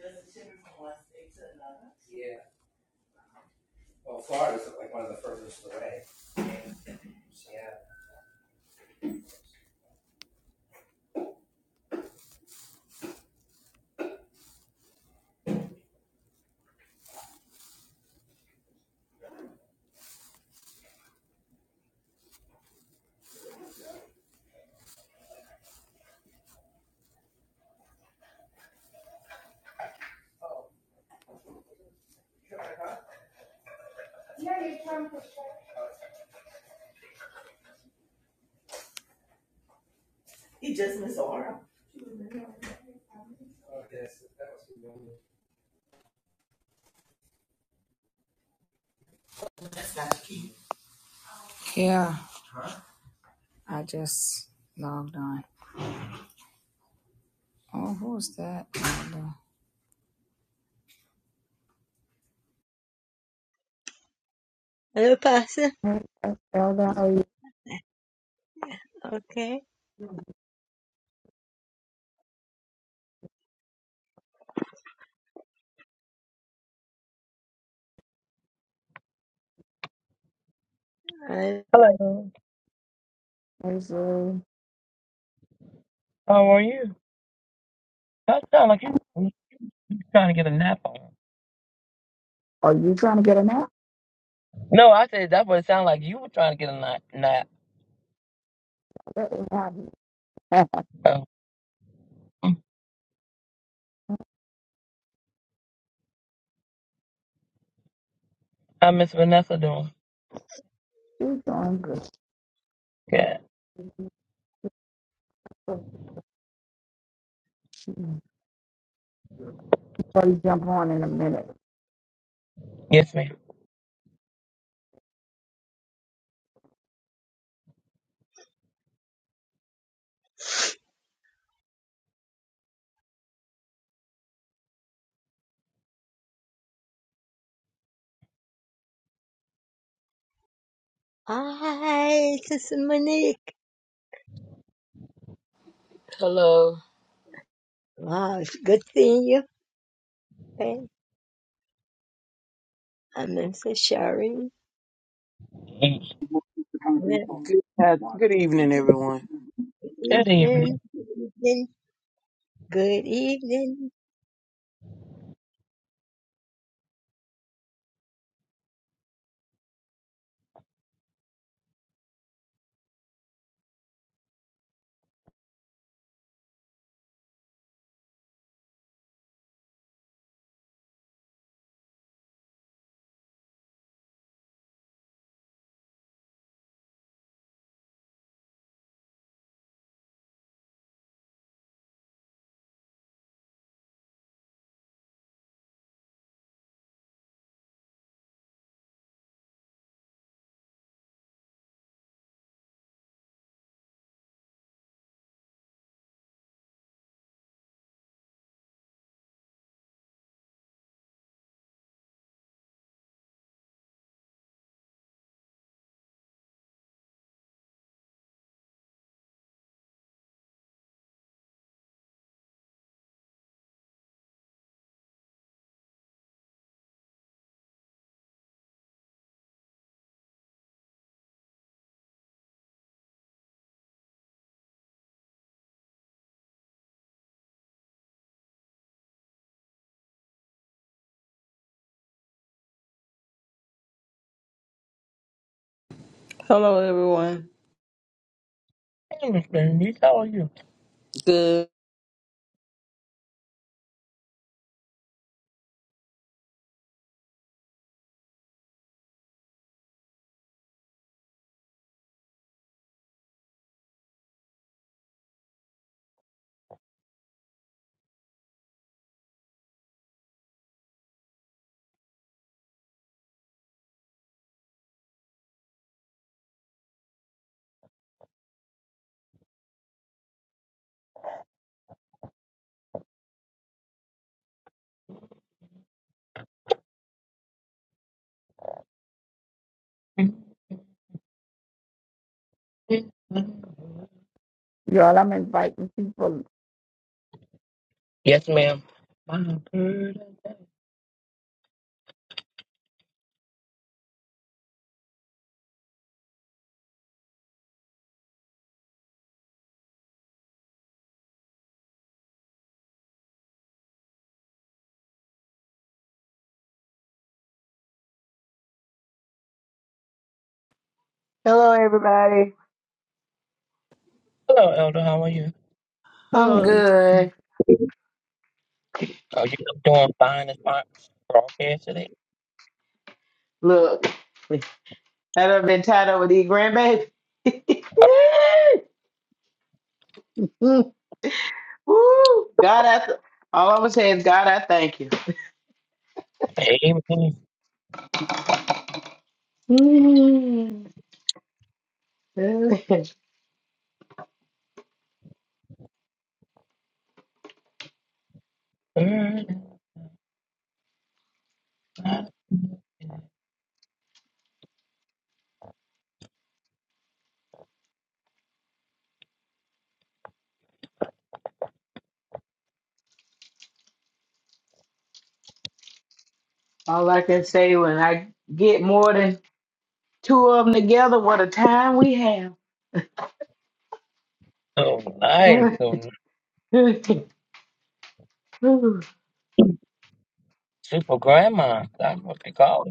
Does it shift from one state to another? Yeah, well, Florida's like one of the furthest away. Yeah. Yeah, you're trying to. He just missed Aura. Oh, yes, that was. normal. That's not the key. Hello, person. Okay. Uh, Hello. How are you? That sound like you you trying to get a nap on. No, I said that's what it sounded like you were trying to get a nap. nap. Oh, how Miss Vanessa doing? Yeah. Yes, ma'am. hi, this is Monique. Hello. Wow, it's good seeing you. Okay. I'm Mr. Sharon. Good Good Good, uh, good evening. evening. evening. Good evening. Good evening. Hello, everyone. Hey, Miss Bernice, how are you? Good. Yes, ma'am. I'm good. Hello, everybody. Hello, Elder. How are you? I'm Hello. good. Are you doing fine as far as broadcast today? Look, had I been tied up with these grandbabies? Mm, Woo! God, I th- all I'm gonna say is, God, I thank you. Hey, Miss Mm. Bernice. all I can say when I get more than two of them together, what a time we have. So nice. So nice. super grandma. That's what they call it.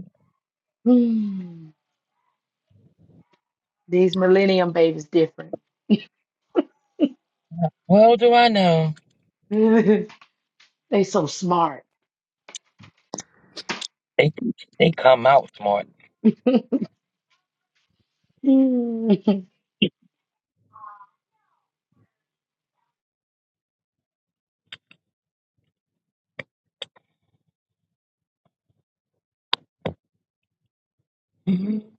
Mm. these millennium babies different. Well, do I know? they so smart. They they come out smart. Mhm.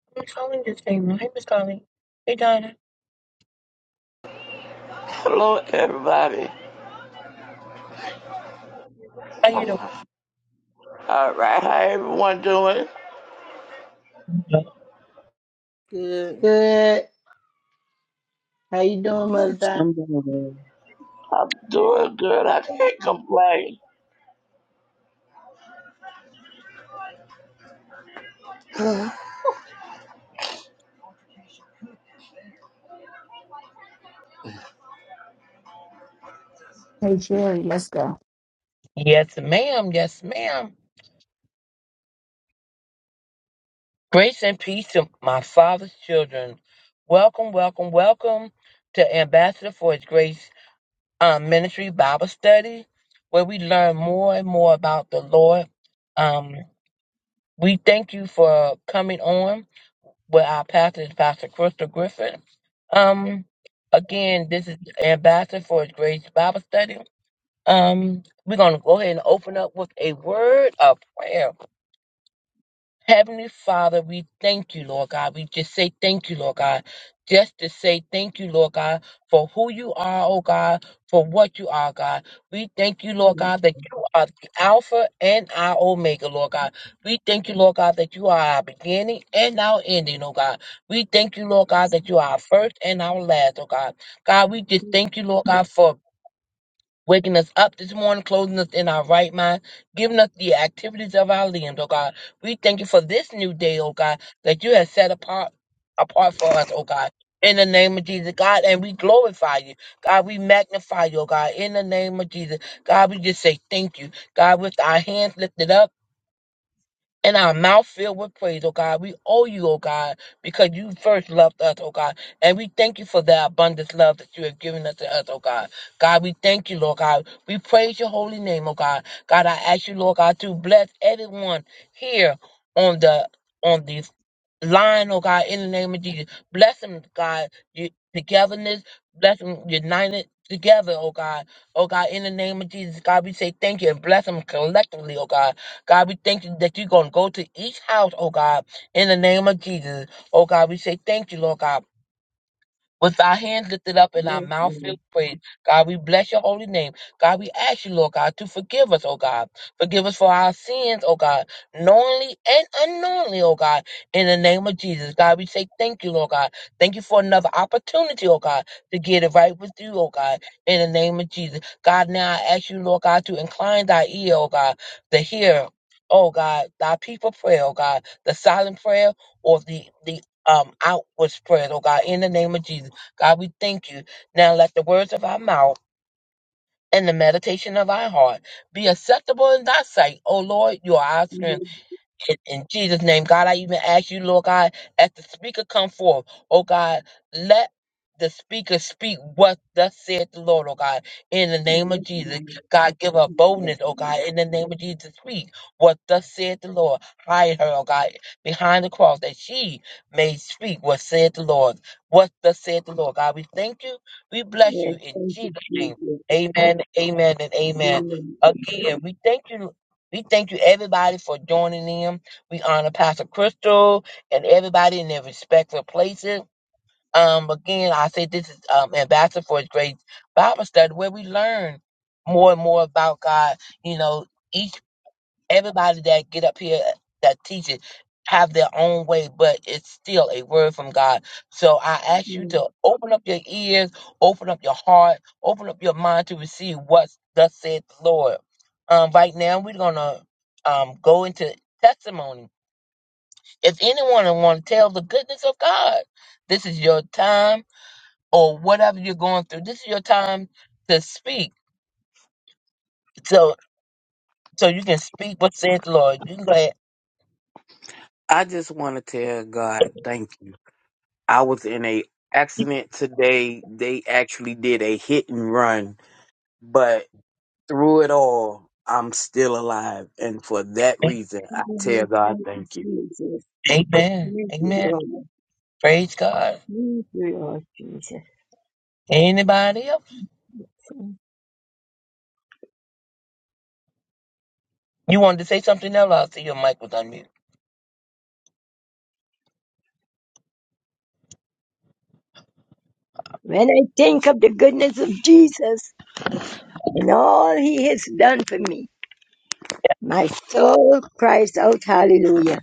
I'm calling this thing. Hey, Miss Carly. Hey, Donna. Hello, everybody. How you All right, how everyone doing? doing? Good. Good How you doing, Mother Di? I'm doing good. I'm doing good. I can't complain. Yes, ma'am. Yes, ma'am. Grace and peace to my father's children. Welcome, welcome, welcome to Ambassador for His Grace um, Ministry Bible Study, where we learn more and more about the Lord. Um, we thank you for coming on. with our pastor, Pastor Crystal Griffin. Um, again, this is Ambassador for His Grace Bible Study. Um, we're going to go ahead and open up with a word of prayer. Heavenly Father, we thank you, Lord God. We just say thank you, Lord God. Just to say thank you, Lord God, for who you are, oh God, for what you are, God. We thank you, Lord God, that you are the Alpha and our Omega, Lord God. We thank you, Lord God, that you are our beginning and our ending, oh God. We thank you, Lord God, that you are our first and our last, oh God. God, we just thank you, Lord God, for waking us up this morning, clothing us in our right mind, giving us the activities of our limbs, oh God. We thank you for this new day, oh God, that you have set apart apart for us, oh God. In the name of Jesus, God, and we glorify you. God, we magnify you, oh God. In the name of Jesus, God, we just say thank you. God, with our hands lifted up and our mouth filled with praise, oh God. We owe you, oh God, because you first loved us, oh God. And we thank you for the abundant love that you have given us to us, oh God. God, we thank you, Lord God. We praise your holy name, oh God. God, I ask you, Lord God, to bless everyone here on the on the line, oh God, in the name of Jesus. Bless them, God, y- togetherness, bless them united together, oh God. Oh God, in the name of Jesus, God, we say thank you and bless them collectively, oh God. God, we thank you that you're going to go to each house, oh God, in the name of Jesus. Oh God, we say thank you, Lord God with our hands lifted up Yes, and our yes, mouth filled with praise. God, we bless your holy name. God, we ask you, Lord God, to forgive us, oh God. Forgive us for our sins, oh God, knowingly and unknowingly, oh God, in the name of Jesus. God, we say thank you, Lord God. Thank you for another opportunity, oh God, to get it right with you, oh God, in the name of Jesus. God, now I ask you, Lord God, to incline thy ear, oh God, to hear. Oh God, thy people prayer, oh God, the silent prayer or the the um outward spread, oh God, in the name of Jesus. God, we thank you. Now let the words of our mouth and the meditation of our heart be acceptable in thy sight, O Lord. You are our yes, strength in, in Jesus' name, God, I even ask you, Lord God, as the speaker come forth, oh God, let the speaker speak what thus said the Lord, oh God, in the yes, name of yes, Jesus. yes. God, give her Yes, boldness, oh God, in the name of Jesus. Speak what thus said the Lord. Hide her, oh God, behind the cross that she may speak what said the Lord. What thus said the Lord. God, we thank you. We bless you yes, in Thank you, Jesus' name. Jesus. Amen, amen, and amen. Amen. Again, we thank you. We thank you, everybody, for joining in. We honor Pastor Crystal and everybody in their respectful places. Um, again, I say this is um, Ambassador for His Great Bible Study, where we learn more and more about God. You know, each everybody that get up here that teach it have their own way, but it's still a word from God. So I ask you Yes. to open up your ears, open up your heart, open up your mind to receive what thus said the Lord. Um, right now we're gonna um go into testimony. If anyone want to tell the goodness of God, this is your time or whatever you're going through. This is your time to speak. So so you can speak what said the Lord. You can go ahead. I just want to tell God thank you. I was in a accident today. They actually did a hit and run, but through it all, I'm still alive, and for that reason, I tell Amen. God Thank thank you. you, Jesus. Amen. Thank you, Amen. Lord. Praise God. Thank you, Lord Jesus. Anybody else? You wanted to say something else? I'll see your mic was unmuted. When I think of the goodness of Jesus, and all he has done for me. My soul cries out hallelujah.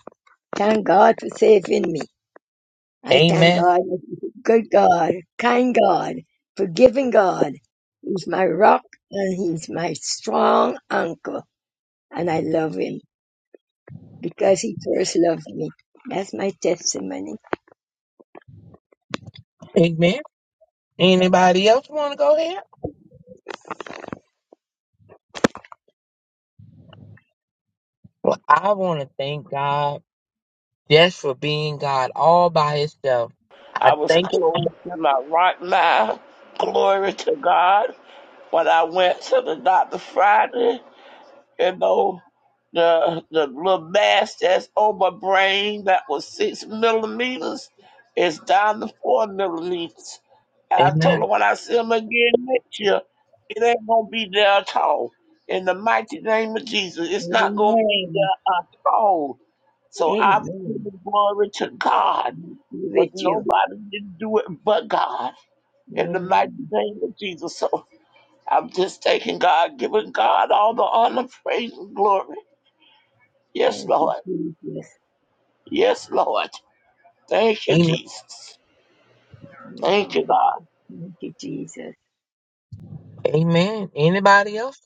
Thank God for saving me. I thank Amen. God, good God, kind God, forgiving God. He's my rock and he's my strong anchor. And I love him because he first loved me. That's my testimony. Amen. Anybody else want to go ahead? Well, I want to thank God just for being God all by himself. I I was thank clothed in my right mind. Glory to God. When I went to the doctor Friday, you know, the the little mass that's on my brain that was six millimeters is down to four millimeters. you. I told Amen. him when I see him again next year, it ain't gonna be there at all. In the mighty name of Jesus, it's not gonna be Amen. there at all. So I'm Amen. giving glory to God, Be because with you. nobody can do it but God. In the mighty Amen. name of Jesus. So I'm just taking God, giving God all the honor, praise, and glory. Yes, Thank you, Lord. Jesus. Yes, Lord. Thank you, Amen. Jesus. Thank Thank you, you, God. Thank you, Jesus. Amen. Anybody else?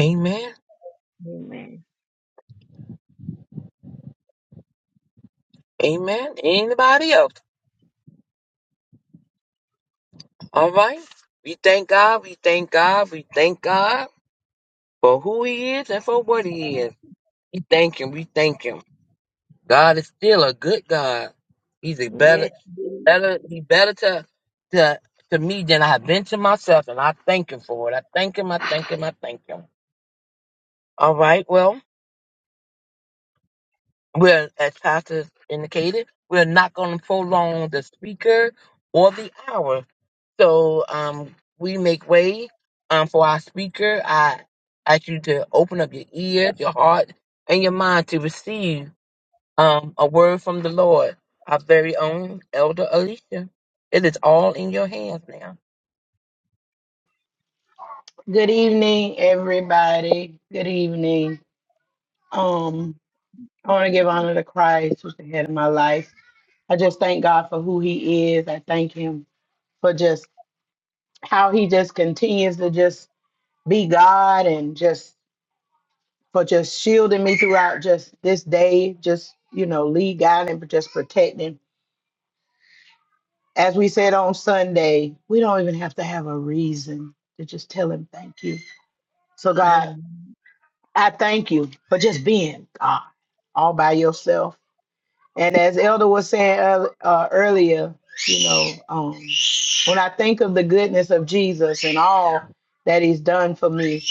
Amen. Amen. Amen. Anybody else? All right. We thank God. We thank God. We thank God for who he is and for what he is. We thank him. We thank him. God is still a good God. He's a better, Yes. better, he better to, to, to me than I have been to myself, and I thank him for it. I thank him. I thank him. I thank him. All right. Well, we're as Pastor indicated, we're not going to prolong the speaker or the hour. So, um, we make way, um, for our speaker. I ask you to open up your ears, your heart, and your mind to receive. Um, a word from the Lord, our very own Elder Alicia. It is all in your hands now. Good evening, everybody. Good evening. Um, I want to give honor to Christ, who's the head of my life. I just thank God for who He is. I thank Him for just how He just continues to just be God and just for just shielding me throughout just this day. Just you know, lead God and just protecting. As we said on Sunday, we don't even have to have a reason to just tell Him thank you. So God. Amen. I thank you for just being God all by yourself. And as Elder was saying uh, uh, earlier, you know, um, when I think of the goodness of Jesus and all that He's done for me,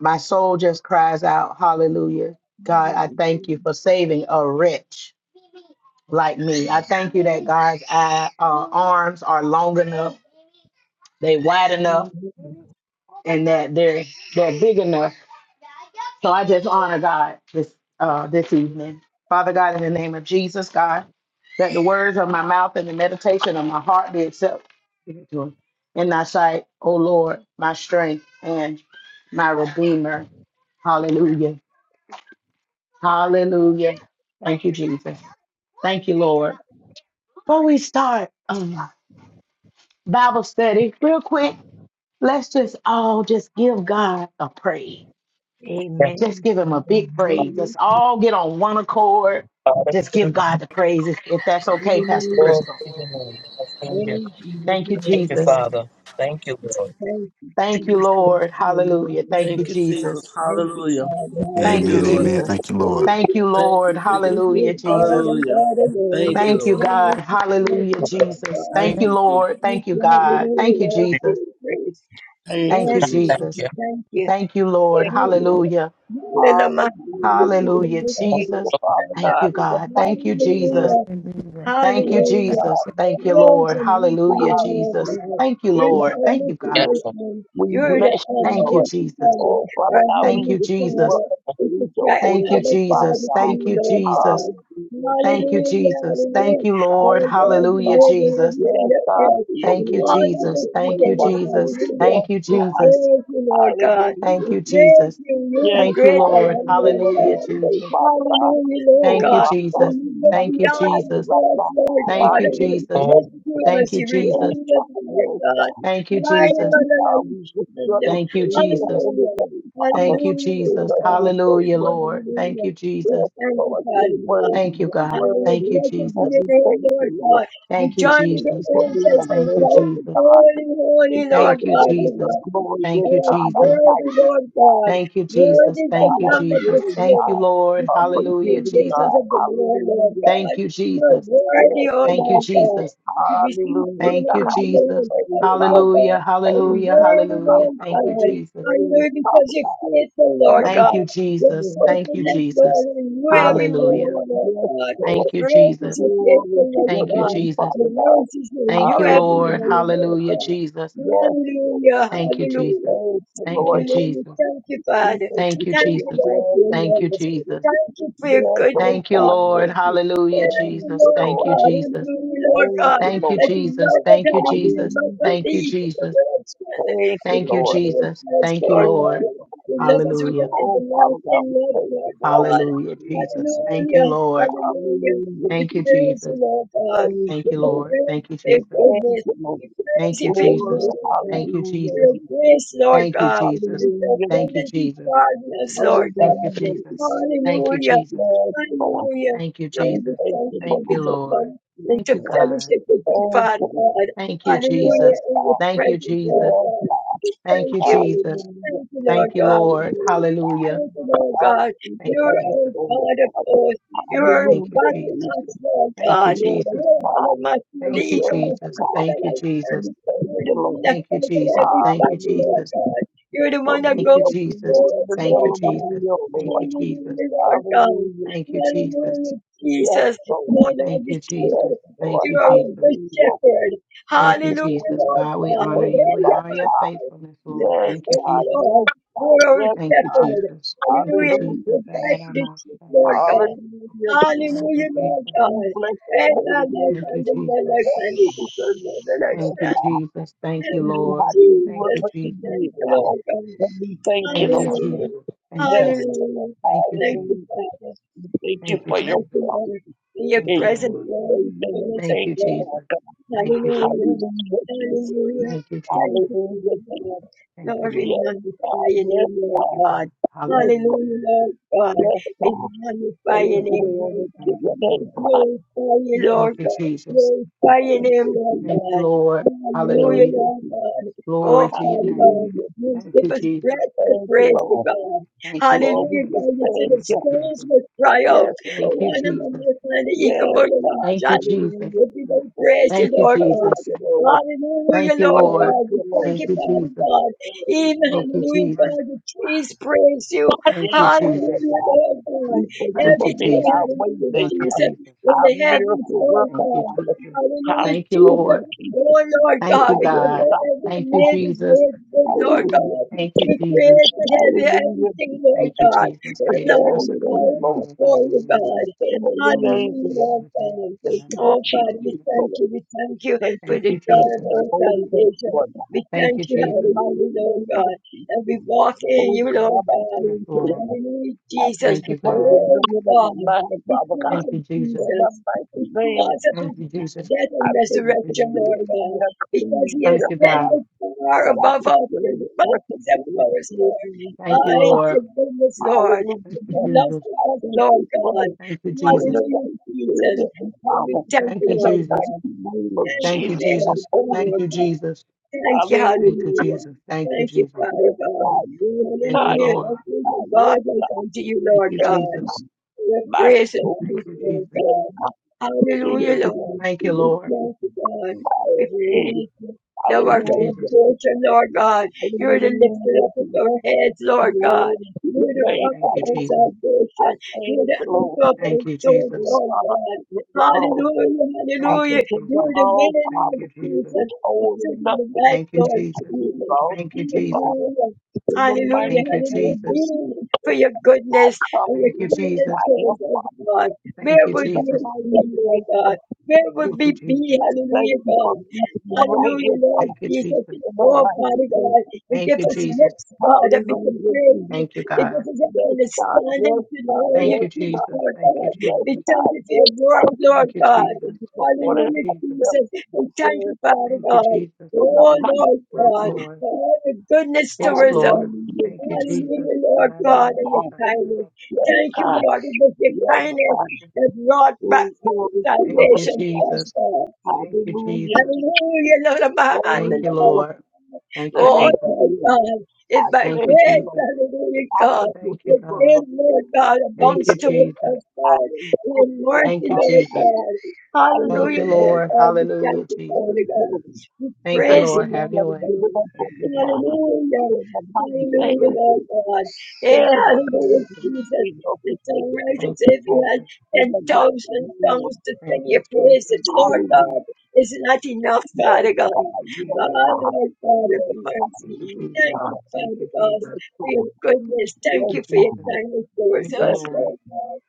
my soul just cries out, Hallelujah. God, I thank you for saving a wretch like me. I thank you that God's eye, uh, arms are long enough, they wide enough and that they're they're big enough. So I just honor God this uh this evening. Father God, in the name of Jesus, God, that the words of my mouth and the meditation of my heart be accepted in thy sight, O Lord, my strength and my redeemer. Hallelujah. Hallelujah. Thank you, Jesus. Thank you, Lord. Before we start um, Bible study, real quick, let's just all just give God a praise. Yes, Just Amen. give him a big praise. Hallelujah. Let's all get on one accord. Father. Just give God the praise if, if that's okay, Pastor Hallelujah. Glory Crystal. to your name. Yes, Thank you, Praise the mighty Thank you, name Thank of you, Jesus. God. Father. Thank you, Lord. Thank you, Thank you, Jesus. Thank Lord. you, Hallelujah. Thank you, Thank Lord. you, Jesus. Jesus. Thank you, Hallelujah. Father. Thank Thank you, you, Amen. Lord. Amen. Hallelujah. Jesus. Thank you, Lord. Thank Thank you. you, Thank Lord. you, Jesus. Because Hallelujah, you are God Jesus. and Hallelujah. God alone. Thank you, Thank There's you, Lord. no God. one to serve Hallelujah, you, Lord Jesus. God. Thank Thank you, you, Jesus. Lord. Thank Thank you, you, God. hallelujah, Thank you, Lord. We Jesus. praise. Thank Thank you, you, Yes, Jesus. Lord. Thank Jesus. you. Thank you. Thank you, Lord. Thank you, Lord. Hallelujah. Hallelujah. Hallelujah, Thank Jesus. you, Father Thank you, God, in the God. mighty Thank you, Jesus. Hallelujah. name. Thank you, Yes, Hallelujah. Jesus. God. Thank Yes, you, Praise God. Lord. and thank you, Hallelujah, Lord, Lord Jesus. God. Hallelujah. Thank you, You're We the Lord. Thank you, thank you, Yes, God. omnipotent Lord. one. We You're the bless you, Thank you, Lord. almighty Jesus. God, Oh, Father our God, Thank we heavenly you, lift you Jesus. up Father. and We praise could your try holy Thank you, our name, Father Jesus. Father to God. Thank you, you, Lord Jesus. God. Hallelujah, Thank Jesus. you, Hallelujah, Jesus. Thank hallelujah. Yes, you, God. Lord. Lord God, Yes, you Hallelujah, God. live in Jesus. everything Yes, that God. earth To your Thank and you, all will and to that Jesus. is your way, Thank within you, God. us. Jesus. Hallelujah. Yes, Thank you, We God. Jesus. praise you, Lord God. Thank Hallelujah. We you, praise Jesus. you. You're Yes, the Thank you, great I Father, we Lord. am, Lord enjoy you Hallelujah, God. today, Jesus. Father God. Hallelujah, Lord Oh, Thank God. you, Father When Jesus. God, we you look Thank you, beyond magnify our you Jesus. right faults, now, Lord God. Thank God, you, and you Jesus. Hallelujah. Lord. rescue us, Thank you, you Yes, Jesus. redeem us, Lord yes, God. God. Thank you, Jesus. Yes, God. We just your Hallelujah. the Thank you, praise and Jesus. holy Hallelujah. name, Father. Thank you, Hallelujah, Lord Jesus. Because you're God. so Hallelujah, Lord. worthy. Thank Hallelujah. you, We Jesus. Yes, Thank you, Lord, you're Father worthy. God. Thank you, You're God. Hallelujah. Thank worthy. you, Blessed be And Jesus. your we name, thank Lord you, Lord. God. We Thank you, We join with thank the you Jesus. for being a angels and say, Thank you, merciful Jesus. God. Holy, holy, We thank Lord Thank you you, for God being Jesus. a Almighty. glorious Thou Thank you, art God. A Jesus. mighty worthy, Lord God. Thank you, Worthy Jesus. is the Thank you, God. A Lamb of Jesus. this healing Thank God. you, Lord. We Lord. Oh, before the forgive Hallelujah, me, foundations Jesus. God. of the world, Lord Hallelujah. Thank God. you, You are Jesus. Yes, worthy, O Thank you, Lord. Lord God, Jesus. to receive Hallelujah. honor Thank The you, and highest Jesus. glory, praise, Lord Father. Hallelujah, God. You are And we hallelujah, give worthy, you the hallelujah. Lord Thank you, God. highest Jesus. praise, Hallelujah, because Father. you're God, faithful, In Lord the Thank God. you, Your mighty Jesus. name of Thank you, Jesus. faithfulness, Lord, Jesus. and new Yes, every Hallelujah. morning, Lord. Lord Yes, God. Lord. Thank you, Great is Jesus. your Glory to faithfulness, your Thank you, God. name, Jesus. The Father God. mercies are Thank new you, every Lord. Hallelujah. morning, Lord Hallelujah, God. Jesus. Yes, Lord. Hallelujah, Thank you, Jesus. hallelujah, Thank you, Thank you, Lord. Jesus. hallelujah. Jesus. Thank you, We Father. thank Thank you you, for Thank you, your Jesus. Lord, blood for your and Thank you, you love. for it. Jesus. Thank you for your Yes, oh goodness, Thank for you, Father. your Lord. mercy. Hallelujah, Thank you, Thank Jesus. you, Lord Lord. Thank you, God. Jesus. Hallelujah, Lord Thank God. you, Thank you, That Lord. you love Jesus. us, Thank you, hallelujah, Jesus. my Hallelujah. Thank you, belief in the Jesus. Lord's strength. Thank you, We Thank you, honor Lord. your Jesus. presence, Thank you, Lord Thank Lord. you, God. Lord. You love us with an Hallelujah. Oh, Father God, everlasting we love, thank you, Lord Lord. We God. Hallelujah, praise Jesus. you. Thank you, Hallelujah, Lord. hallelujah. Hallelujah. We Thank you, Jesus. praise you, Jesus. Lord God. Thank Thank you, you, We Lord. Lord. praise Thank you you, for your Jesus. Thank goodness. you, Lord. We praise Thank you you, for your Jesus. Glory. mercy, God. Thank you, Hallelujah. For Jesus. your Jesus. grace, Lord Thank you, God. Jesus. With Hallelujah. your Thank Jesus. you, abundant Jesus. pardon us, Lord Thank God. you, Hallelujah. Jesus. Jesus. Thank you, Hallelujah. Jesus. Yes, Lord. Hallelujah. Thank you, Lord, We we Jesus. thank thank you you for that Thank the we you, could Holy Lord. come Spirit, into Thank you, Lord. God. fellowship with you, Thank you, Father Lord. God. Thank you, Yes, Hallelujah. Jesus. In your God. Thank you, presence, Lord Jesus. Yes. God. We Thank you, thank you. Jesus. Hallelujah. Thank you, Lord Thank you, That God. leads Lord. us, Hallelujah. Thank you, God. Lord Out God. of the Thank you, You're a Jesus. understanding, God of Lord. force. You're a Thank you, Hallelujah. battle Jesus. Jesus. axe, Lord Thank you, God. Yes, Jesus. You're God. the master and the Thank you, eagle. Yes, Jesus. of the Thank you, light. Jesus. we thank You're the you, one Lord. that Thank you, fights on Jesus. every Thank you, battle, Lord Jesus. Hallelujah. God. You're the For one that being Thank you, goes the Jesus. wheel in before us, the Thank you, Lord middle of the God. Jesus. wheel, Thank you, Lord. Jesus. Hallelujah, Lord God. Hallelujah. Thank you, Jesus. Hallelujah, Yes, Jesus. Lord. Oh, Lord, I Thank you, thank Yes, Jesus. you that Thank Lord. you you, are a Jesus. good Hallelujah. shepherd. Thank you, We can Hallelujah, Jesus. Lord God, we God. honor praise you. you, We Hallelujah, honor Father your God. Father. faithfulness, Lord. Yes, Thank you, Oh, God. Jesus. Lord, Yes, you God. are our Yes, Thank you, God. shepherd. Jesus. Thank you, Hallelujah, Jesus. you Hallelujah. provide for the Da-da-da-ma, sheep, Lord God. da-da-da-da. Hallelujah, Jesus. Thank you, Hallelujah, Lord Jesus. We God. bless the And my holy life name. Thank you, and the my Jesus. life Yes, and the God. equal mother I Thank Yes, you, stand. God. Jesus. Thank you, Thank You you, didn't Lord. have to do Thank it, Jesus. you, but you Jesus. Thank did, you, God. Lord God. And we thank you, Thank you, Lord. Jesus. Hallelujah. Thank you, Yes, Lord. Lord. Hallelujah. Thank you, Thank Jesus. you, Hallelujah. Father. Thank you Thank you, for your Thank you, Jesus. promise. Lord. In your Thank you, presence, Lord. Amen. Lord, in Amen. fullness of Thank Thank you, you, joy. Lord Jesus. God. Thank you, Jesus. Hallelujah. Hallelujah, Jesus. Hallelujah. Thank you, Jesus. Thank you, Hallelujah, Jesus. Lord. Thank you, Lord, we Lord. Yes, magnify God. your Yes, name, Lord Thank you, God. God. God. Yes, Hallelujah, God. Hallelujah, Jesus. Lord God. Yes, We God. magnify Thank Oh, your you, name, Jesus. Lord glory to Thank your you, name, Jesus. God. Glorify you, Yes, Thank Lord you, God. God. Jesus. Glorify your Thank name, you, Lord Jesus. Thank you, God. Lord. Hallelujah, Thank Hallelujah. you, Lord Jesus. God. Oh, Glory to your Father God. name. Hallelujah. You Thank give you, us Jesus. breath to Thank you, praise you, Lord. God. Thank you, Jesus. Lord, we Hallelujah, just God. You said thank the Thank you, you. stones Jesus. will cry out. Yes, Thank you, Lord. Jesus. Hallelujah. Yes, God. Thank you, Hallelujah. Jesus. Everybody Jesus. praise you, Thank you, Lord Thank God. Jesus. you, Lord. Hallelujah, Thank you, Lord Thank Lord. God. We you, Lord. thank Thank you, Thank you, Father Jesus. God. you, Even, Thank Lord. you, hallelujah, Jesus. God, the trees praise you. Thank you, Yes, Jesus. Lord Hallelujah, God. Lord God. We thank you Thank for you, being Everything, Jesus. our way hallelujah, Thank you, maker, Jesus, Jesus. in our the heavens, miracle Lord worker, Thank you, God. Father. Jesus. Our Hallelujah, Thank you, servant, Jesus. Lord. Jesus, Oh, Lord Thank you, God, light in because the God. Lord, darkness, every Thank you, man Father. is Jesus. made good, Lord Hallelujah. God. Thank you, You Jesus. created every- Hallelujah. everything, Lord Thank you, God. Jesus, Bless And the creating Lord, we us a holy clean name, bow heart, Lord. before God, and you, renew God. Bless the holy a right name, Hallelujah, Lord. spirit Lord within God. us. Thank you for Oh, God, we Jesus, Da-da-da-da. Lord. thank you. We thank you Thank for you Thank the for you, joy of shaking Jesus. our and molding us, salvation. Lord God. We Thank thank you, you, In the Jesus. hallelujah, mighty Lord name of God. And we walk Oh in you, Lord God, I God. Yes, thank Lord. you. Hallelujah, I Jesus. thank Thank you you, for the God. Oh renewing of my God, mind, Father God. because Thank of you, Jesus. In Jesus, the mighty name because of Thank his you, Jesus. death I and thank Thank you you, for resurrection, Jesus. Lord creating me God, a because clean he has Thank you, vessel, God. ascended far that I above can all serve and things, worship mountains you and in forests, spirit Lord. and Thank in I you, truth. it's Lord. your goodness, Lord. Thank It's you, your Hallelujah. love Jesus. I for us, thank Lord you for God. Thank you, putting the Jesus. Hallelujah, right spirit Jesus. in me, And we Father, thank Thank you, you, in the Lord Jesus. God. mighty name of Thank Thank you you, Jesus, for the Jesus. everything, Holy. Thank Lord you, God. Jesus. Thank you, Thank you, Hallelujah. hallelujah. Jesus. Thank you, Thank you, Jesus. Yes, Father God. God. Yes, Thank you, God. Hallelujah. Lord. Yes, Thank you, God. Yes, God, like unto you, Thank Lord you, God yes. Jesus. your My grace and soul Thank peace, you, says Lord Jesus. yes. God. God, To your Hallelujah, Lord will, Thank to you, your Lord. will. thank you, God. We praise you. Thou Thank art you, our Jesus. Hallelujah. portion, Lord God. You're the lifter up of Hallelujah. our heads, Lord God. Glory to your You're the name, rock Thank of you, Father our Jesus. God. I salvation. thank You're the you, Lord. anchor of our Thank you, souls, We, Jesus. Lord Father, God. forgive the Lord. Hallelujah, I Thank you, hallelujah. forgive the You're Jesus. the all, wind Thank of you, Father, Jesus. Jesus. which The hold truth of the nothing. life, Thank you, Lord I Jesus. give it Jesus. all Thank to you, you, Jesus. Father. Hallelujah. In the Hallelujah, Thank mighty you, hallelujah. name of Jesus. Be For Jesus, your I goodness come and your Thank you, you and kindness Jesus. I towards am, us, Father. Lord God. Thank Where you, would In the we Jesus. have mighty been, Lord name God? of Where would Jesus, Thank you, we be? Jesus. I thank Hallelujah, you for God. meeting me right Hallelujah, here, Father. Lord Thank you, Jesus. Jesus. In the Oh, mighty Father name of God, Jesus, and Thank give you, us Jesus. lips, God, that we could hallelujah, praise Jesus. you. Thank you, It God. gives us an Yes, God, understanding yes, to God, know Thank your you, yes, truth, Jesus. God, Lord Thank you, God. yes, We Jesus. thank God, you for yes, your God. word, Lord Thank you, I God. thank Jesus. you for Thank ordering you, Hallelujah, my Jesus. steps Jesus. to the We thank word, you, Father Father Thank you, God. God. Jesus. In the Oh, mighty Lord Yes, name God, of Lord. for all your goodness Yes, towards us. Lord. Hallelujah, uh, Thank you, Jesus. Jesus. Hallelujah, Lord Da-da-da-da. Yes, God, and your God. kindness. Shun-da-da-da. Yes, Thank you, God. Lord, for your Thank Yes, you, kindness God. Jesus. that wrought Oh, glory to your Thank you, name, Salvation to us, Jesus. God. God. Thank you, Hallelujah, Jesus. Jesus. Hallelujah, Lord. I'm behind Thank you, the Lord. Lord. Thank you, Oh, Thank Jesus. you, Lord. Thank Lord you, Lord. God, it's I by Thank thank you, you, grace, Lord. Jesus. hallelujah, I God. can just Thank you, Your look the grace, God. Lord things God, and Thank you, abounds anything. towards Jesus. us, I Lord, am And your broken right Thank mercy, you, now, Lord God. Jesus. God. Thank you, Hallelujah, Hallelujah. Lord Lord. God. We thank Hallelujah, you, Jesus. Father Thank you, God. Lord. We Thank you, Thank praise you you, Lord. for Have Lord your never God. way. giving up Thank on you, me, Jesus. Father. Hallelujah. In the Thank mighty you, name Hallelujah, of Jesus. Jesus. Lord God. Hey, Thank you Thank for you, telling hallelujah, me Jesus. the Jesus. thing of The the pleasure and songwriter Thank you, says he had Jesus. in the 10,000 mighty name of songs to Thank sing you, your Jesus. praises, Yes, Lord Hallelujah. God. Lord. It's not enough, Yes, Father God. Thank Oh, God, you, yes, Jesus. God, Lord God yes, of Thank mercy. you, Jesus. Thank you, God, Thank Father you, God, Jesus. yes, for your God, goodness. Thank Thank yes, you, you for your Jesus. God, kindness towards Thank you, us, yes, Lord. Lord God.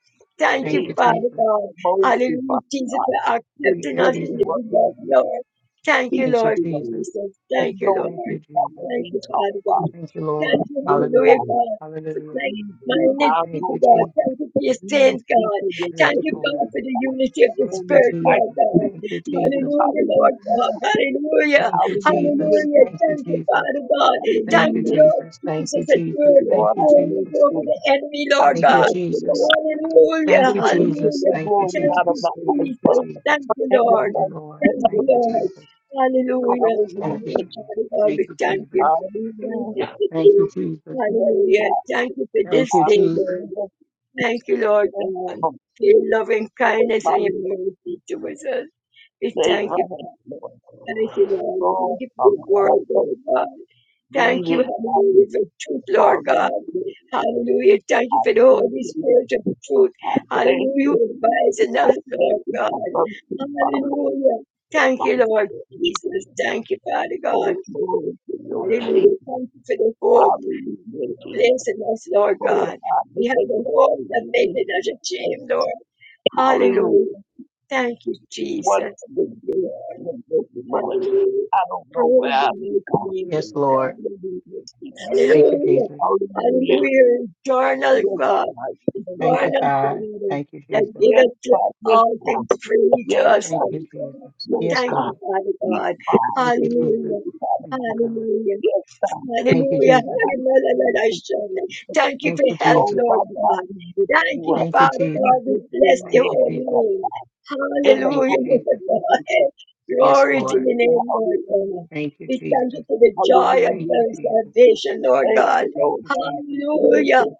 God, yes, Thank you, Thank you, take Father Jesus. God. boldly Hallelujah, from Jesus, God. for In Thank accepting you, what us in you Jesus. your want to do, love, you Lord. Thank you, speak Thank you, Lord to us, Jesus. Jesus. and Thank you, no Lord. Thank speak you, that Jesus. will Thank be you, talked Father God. about. Thank you, Lord. Thank you, Yes, Hallelujah, Hallelujah. God, God. For Hallelujah. thank we be my our Thank people, you, God. Lord, Jesus. Thank you for your we saints, be God. to your Yes, Thank you, purpose, Lord. God, and for the in unity of the Thank you, the Spirit, Jesus. mighty Lord God. name Thank of you, Jesus, Jesus. Hallelujah, Lord hallelujah. God. Hallelujah. Thank you, Jesus. Hallelujah. Hallelujah. Thank you, Thank you, Jesus. Father God. Thank Thank you, you, Hallelujah. Lord Jesus. Thank Jesus, you, that Jesus. you're Thank Lord, you, I victorious thank Jesus. over you. the enemy, I Lord Thank you, God. bless you, Jesus. Lord. Hallelujah. Thank you, Lord, we get Jesus. the Hallelujah. Thank you, glory Thank out of you, Jesus. my life, Thank you, Jesus. Father. Jesus. Thank you, And the Thank Lord. you, Lord. mighty Thank name you, of Thank you, Jesus. Lord. Hallelujah. Thank you. Yes, Jesus. Hallelujah. Father God, Thank we you, thank you. Jesus. Thank you Hallelujah. for Thank you, this. Jesus. Yes, Hallelujah. God. Thank you for Thank this you, day, Jesus. Lord. Hallelujah. Thank you, Lord Thank you, God, Lord. for your loving kindness and your mercy towards us. We Thank thank you. you, Lord. Thank you, Lord. Lord, Thank you Lord, for I the word, thank you. Lord God. Thank you, Hallelujah. hallelujah, for truth, Lord God. Hallelujah. Thank you I for the thank you. Holy Spirit of truth. I thank Hallelujah. you. Advise in us, Thank Lord you. God. I love you, Father. Hallelujah. Thank you, Lord Jesus. Thank you, Father God. Oh, glory to your name. Hallelujah. Thank you for the hope Hallelujah, you Jesus. place in us, Lord Oh, God. Father, We have thank a you for hope your that makes us grace. ashamed, Lord. Hallelujah. Hallelujah. Thank you, Jesus. What the Thank you, grace and mercy, Lord. Hallelujah. I don't know where Praise the I'll be mighty gone. name of Yes, Lord. God. Hallelujah, Jesus. Thank you, Hallelujah. Jesus. Hallelujah. Hallelujah. Join us, Yes, God. Thank you, Join us, God. God. Father, Thank you, that Jesus. Yes, giveth to God. Yes, all things yes, God. Yes, God. free to Yes, us, Thank Lord you, God. Jesus. yes, Yes, Thank you, God. Lord. Father We God. cry Thank to you, you. Jesus. Hallelujah. Father. Thank you, God. Hallelujah. Yes, God. Thank you, Thank Hallelujah. you, Jesus. my Jesus. Hallelujah. Thank you Thank you, for help, Oh, Jesus. Lord Father, God, God. we lift Thank you you, up. Thank you, Father We God. Jesus. We lift your bless your Thank name you, up, holy Jesus. Father. name. God. In the Thank Hallelujah, you, mighty Lord Jesus. name of God. Yes, Glory to Lord. your Glory, name, Lord hallelujah, God. Thank you, We thank you Jesus. for the joy of Thank hallelujah. you, our Jesus. salvation, Lord Thank God. you, Thank Lord. you, Jesus. Thank Hallelujah. you.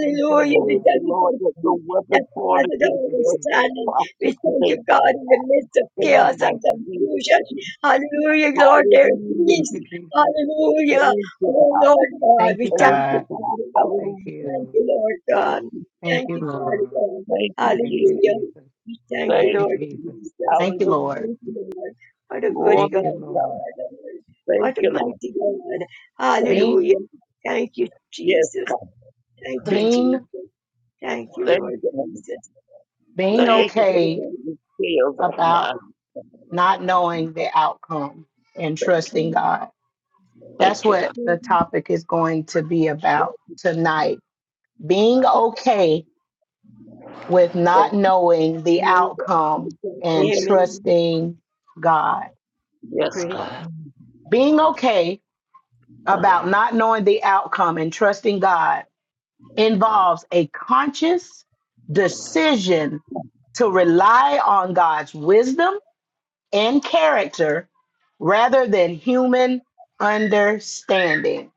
Thank you, We Thank Lord. thank you, you for Lord, the that peace no weapon that formed passes Thank against all you, us Jesus. understanding. We prosper thank today, you, God, Father. in the midst of In Thank the you, chaos and mighty Jesus. name of confusion. Jesus. Hallelujah, Lord, there is Hallelujah, Thank peace. you, Jesus. Jesus. Hallelujah. Thank you, Oh, God. Lord God, Thank you, we Thank thank you, you, God. God. Father God. Thank Hallelujah. Thank you. you, Lord God. Thank Thank you, you, Father Lord. God. Thank you, Thank Jesus. you, Hallelujah. Jesus. We thank you, Thank Thank you, you. Lord Jesus. Jesus. Thank you, Lord. Hallelujah. Thank you, Lord. What a good Glory Thank God you, to you God. Lord. are, Lord. Thank What a you, Lord. mighty God. Thank Bing, you. Hallelujah. Thank you, Yes, Jesus. God. Thank you, Thank you. bing. Jesus. Thank you, Thank Lord you, Lord. Jesus. being Thank Wonderful you for okay Lord. taking the scales off my about eyes. not knowing the outcome and Thank trusting God. you. That's Thank you, God. what the topic is going to be about tonight. Being okay with Thank not knowing the outcome and Amen. trusting God. you. Yes, Praise. God. Being okay about not knowing the outcome and trusting God involves a conscious decision to rely on God's wisdom and character rather than human understanding.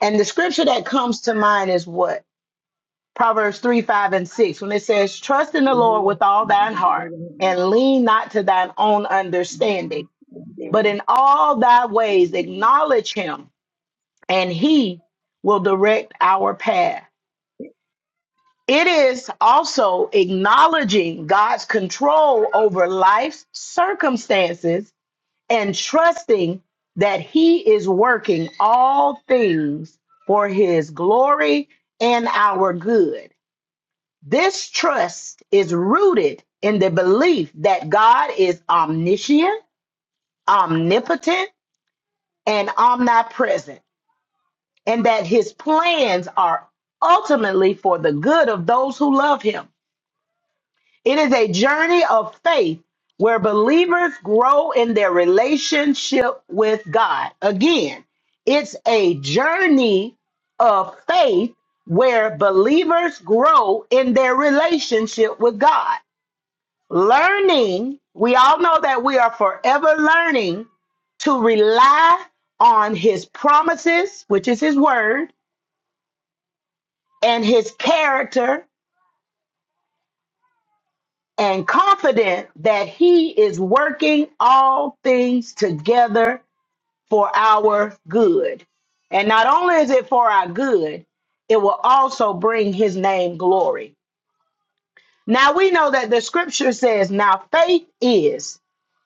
And the scripture that comes to mind is what? Proverbs 3 5 and 6, when it says, Trust in the Lord with all thine heart and lean not to thine own understanding, Amen. but in all thy ways acknowledge him, and he will direct our path. It is also acknowledging God's control over life's circumstances and trusting that He is working all things for His glory and our good. This trust is rooted in the belief that God is omniscient, omnipotent, and omnipresent, and that His plans are ultimately for the good of those who love Him. It is a journey of faith where believers grow in their relationship with God. Again, it's a journey of faith where believers grow in their relationship with God. Learning, we all know that we are forever learning to rely on His promises, which is His word, and His character, and confident that he is working all things together for our good. And not only is it for our good, it will also bring his name glory. Now we know that the scripture says, now faith is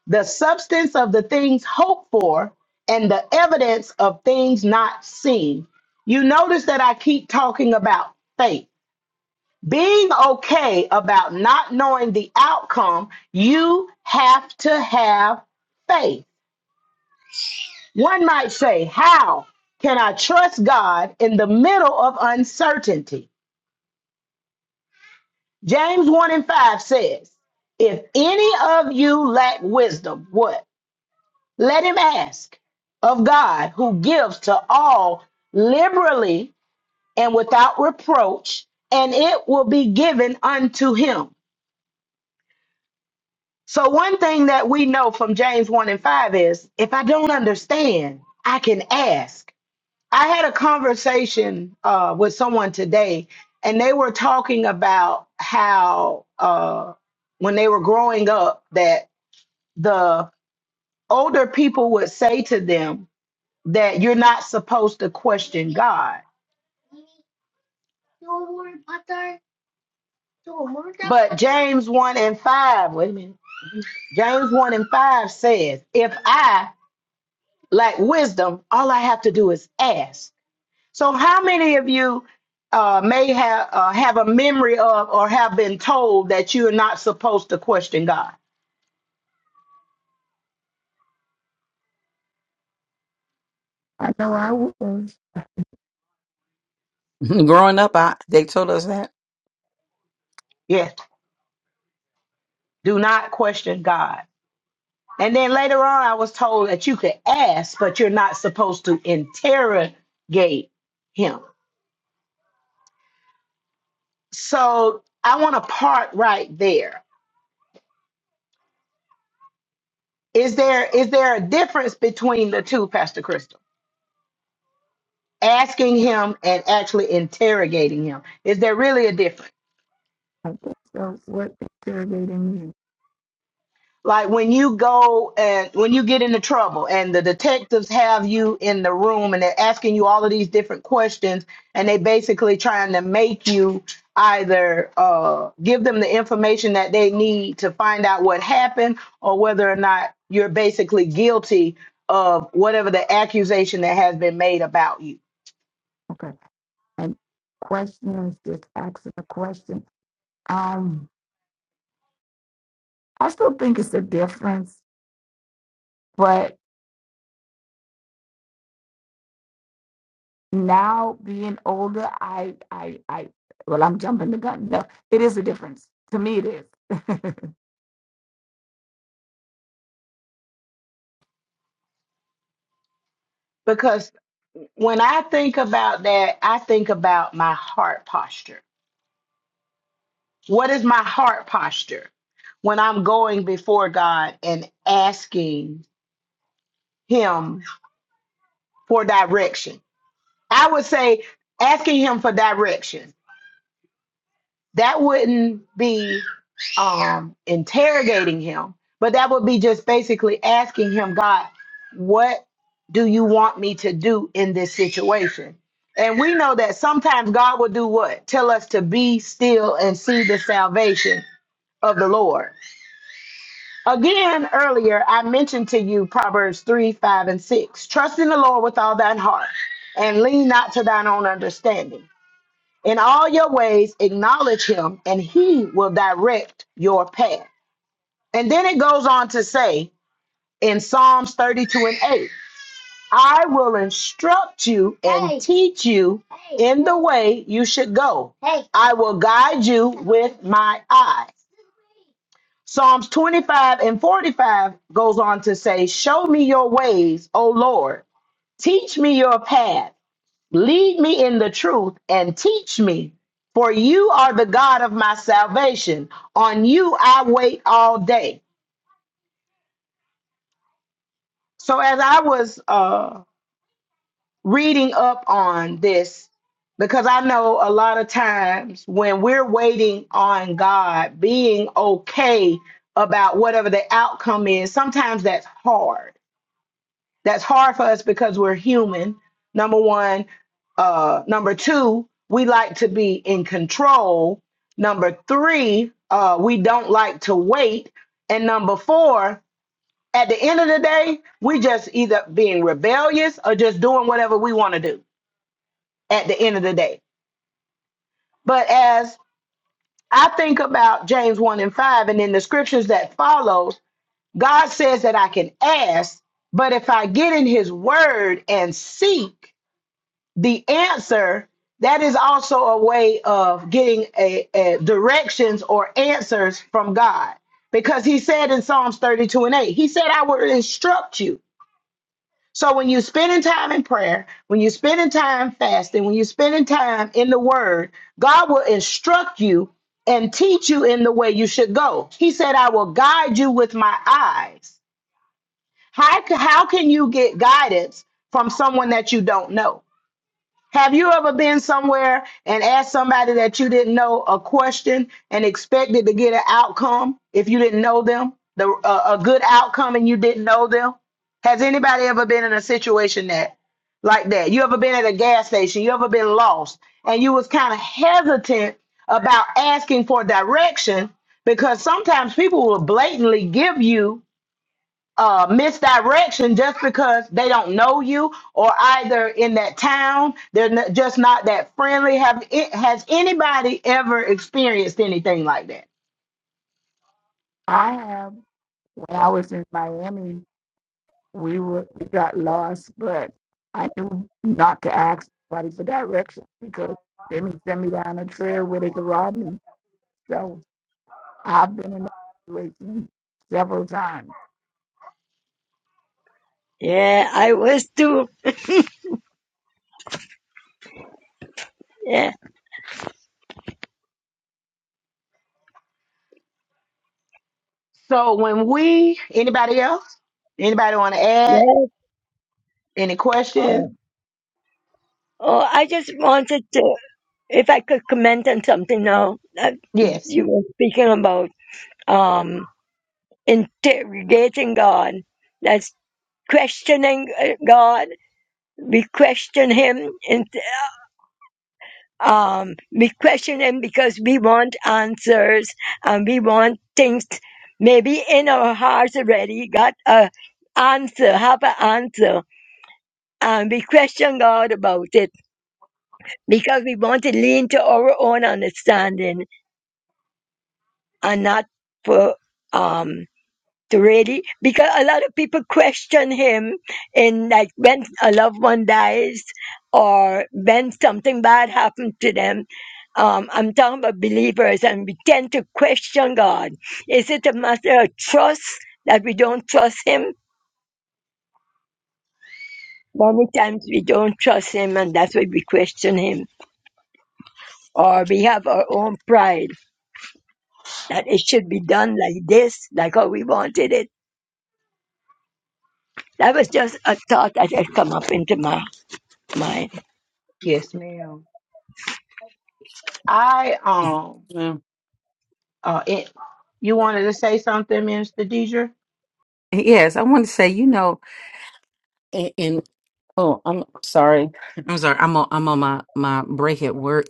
the substance of the things hoped for and the evidence of things not seen. You notice that I keep talking about faith being okay about not knowing the outcome, you have to have faith. One might say, How can I trust God in the middle of uncertainty? James 1 and 5 says, If any of you lack wisdom, what? Let him ask of God who gives to all liberally and without reproach, and it will be given unto him So, one thing that we know from James 1 and 5 is if I don't understand, I can ask. I had a conversation uh, with someone today, and they were talking about how uh, when they were growing up, that the older people would say to them that you're not supposed to question God. But James 1 and 5, wait a minute. James 1 and 5 says, if I lack wisdom, all I have to do is ask So, how many of you uh, may have uh, have a memory of or have been told that you are not supposed to question God? Growing up, I, they told us that. Yes, do not question God. And then later on, I was told that you could ask, but you're not supposed to interrogate Him. So, I want to park right there. Is there is there a difference between the two, Pastor Crystal? Asking Him and actually interrogating Him. Is there really a difference? like when you go and when you get into trouble and the detectives have you in the room and they're asking you all of these different questions and they basically trying to make you either uh, give them the information that they need to find out what happened or whether or not you're basically guilty of whatever the accusation that has been made about you because when i think about that i think about my heart posture What is my heart posture when I'm going before God and asking Him for direction? I would say asking Him for direction. That wouldn't be um, interrogating Him, but that would be just basically asking Him, God, what do you want me to do in this situation? And we know that sometimes God will do what? Tell us to be still and see the salvation of the Lord Again, earlier, I mentioned to you Proverbs 3, 5, and 6. Trust in the Lord with all thine heart and lean not to thine own understanding. In all your ways, acknowledge him, and he will direct your path. And then it goes on to say in Psalms 32 and 8, I will instruct you and Hey. teach you in the way you should go. I will guide you with my eye. Psalms 25 and 45 goes on to say, Show me your ways, O Lord. Teach me your path. Lead me in the truth and teach me. For you are the God of my salvation. On you I wait all day. So, as I was uh, reading up on this, because I know a lot of times when we're waiting on God, being okay about whatever the outcome is, sometimes that's hard That's hard for us because we're human. Number one. Uh, number two, we like to be in control. Number three, uh, we don't like to wait. And number four, at the end of the day, we just either being rebellious or just doing whatever we want to do at the end of the day. But as I think about James 1 and 5 and then the scriptures that follows, God says that I can ask, but if I get in his word and seek, the answer that is also a way of getting a, a directions or answers from god because he said in psalms 32 and 8 he said i will instruct you so when you're spending time in prayer when you're spending time fasting when you're spending time in the word god will instruct you and teach you in the way you should go he said i will guide you with my eyes how, how can you get guidance from someone that you don't know have you ever been somewhere and asked somebody that you didn't know a question and expected to get an outcome if you didn't know them, the a a good outcome and you didn't know them? Has anybody ever been in a situation that like that? You ever been at a gas station? You ever been lost and you was kind of hesitant about asking for direction because sometimes people will blatantly give you uh, misdirection just because they don't know you or either in that town they're n- just not that friendly have it has anybody ever experienced anything like that Yeah, I was too. Yeah, so when we anybody else anybody want to add yeah. any questions Oh, oh, I just wanted to, if I could comment on something now that yes you were speaking about, um, interrogating God. That's questioning uh, God. We question Him, and um, we question Him because we want answers and we want things. Maybe in our hearts already got a answer, have an answer, and we question God about it because we want to lean to our own understanding and not for um to really because a lot of people question him in like when a loved one dies or when something bad happened to them. Um, I'm talking about believers and we tend to question God. Is it a matter of trust that we don't trust him? Many times we don't trust him and that's why we question him. Or we have our own pride that it should be done like this, like how we wanted it. That was just a thought that had come up into my mind. yes ma'am i um Yeah. uh it, you wanted to say something minister deidre Yes, I want to say, you know, and, and oh, I'm sorry. I'm sorry. I'm on, I'm on my my break at work,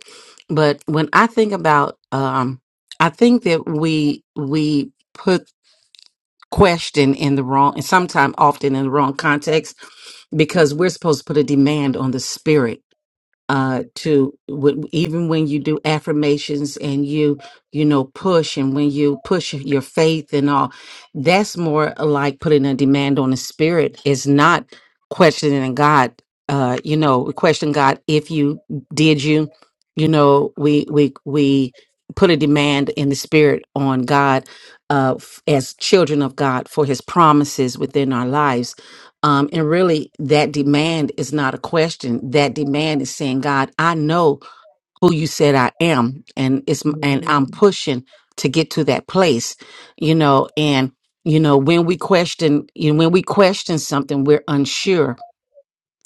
but when I think about, um, I think that we we put question in the wrong, and sometimes often in the wrong context, because we're supposed to put a demand on the spirit. uh to w- even when you do affirmations and you you know push and when you push your faith and all that's more like putting a demand on the spirit it's not questioning god uh you know question god if you did you you know we we we put a demand in the spirit on god uh f- as children of god for his promises within our lives um, and really, that demand is not a question. That demand is saying, God, I know who you said I am, and it's and I'm pushing to get to that place, you know. And you know, when we question, you know, when we question something, we're unsure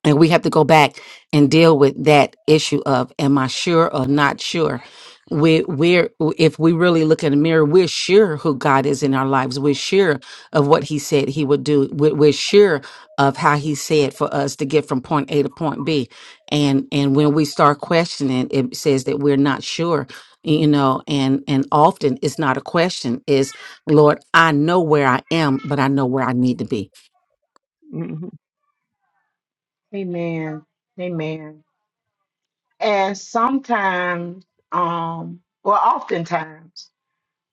and we have to go back and deal with that issue of am I sure or not sure? We we're if we really look in the mirror, we're sure who God is in our lives. We're sure of what He said He would do. We're, we're sure of how He said for us to get from point A to point B. And and when we start questioning, it says that we're not sure. You know, and and often it's not a question. Is Lord, I know where I am, but I know where I need to be. hmm amen amen and sometimes um well oftentimes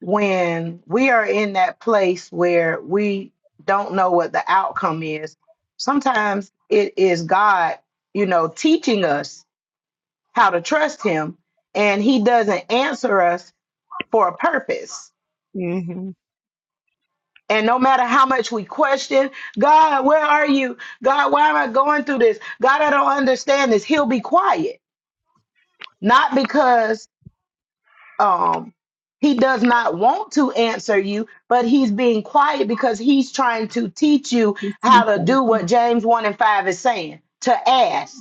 when we are in that place where we don't know what the outcome is, sometimes it is God, you know, teaching us how to trust Him, and He doesn't answer us for a purpose. hmm And no matter how much we question, God, where are you? God, why am I going through this? God, I don't understand this. He'll be quiet, not because um he does not want to answer you but he's being quiet because he's trying to teach you how to do what james 1 and 5 is saying to ask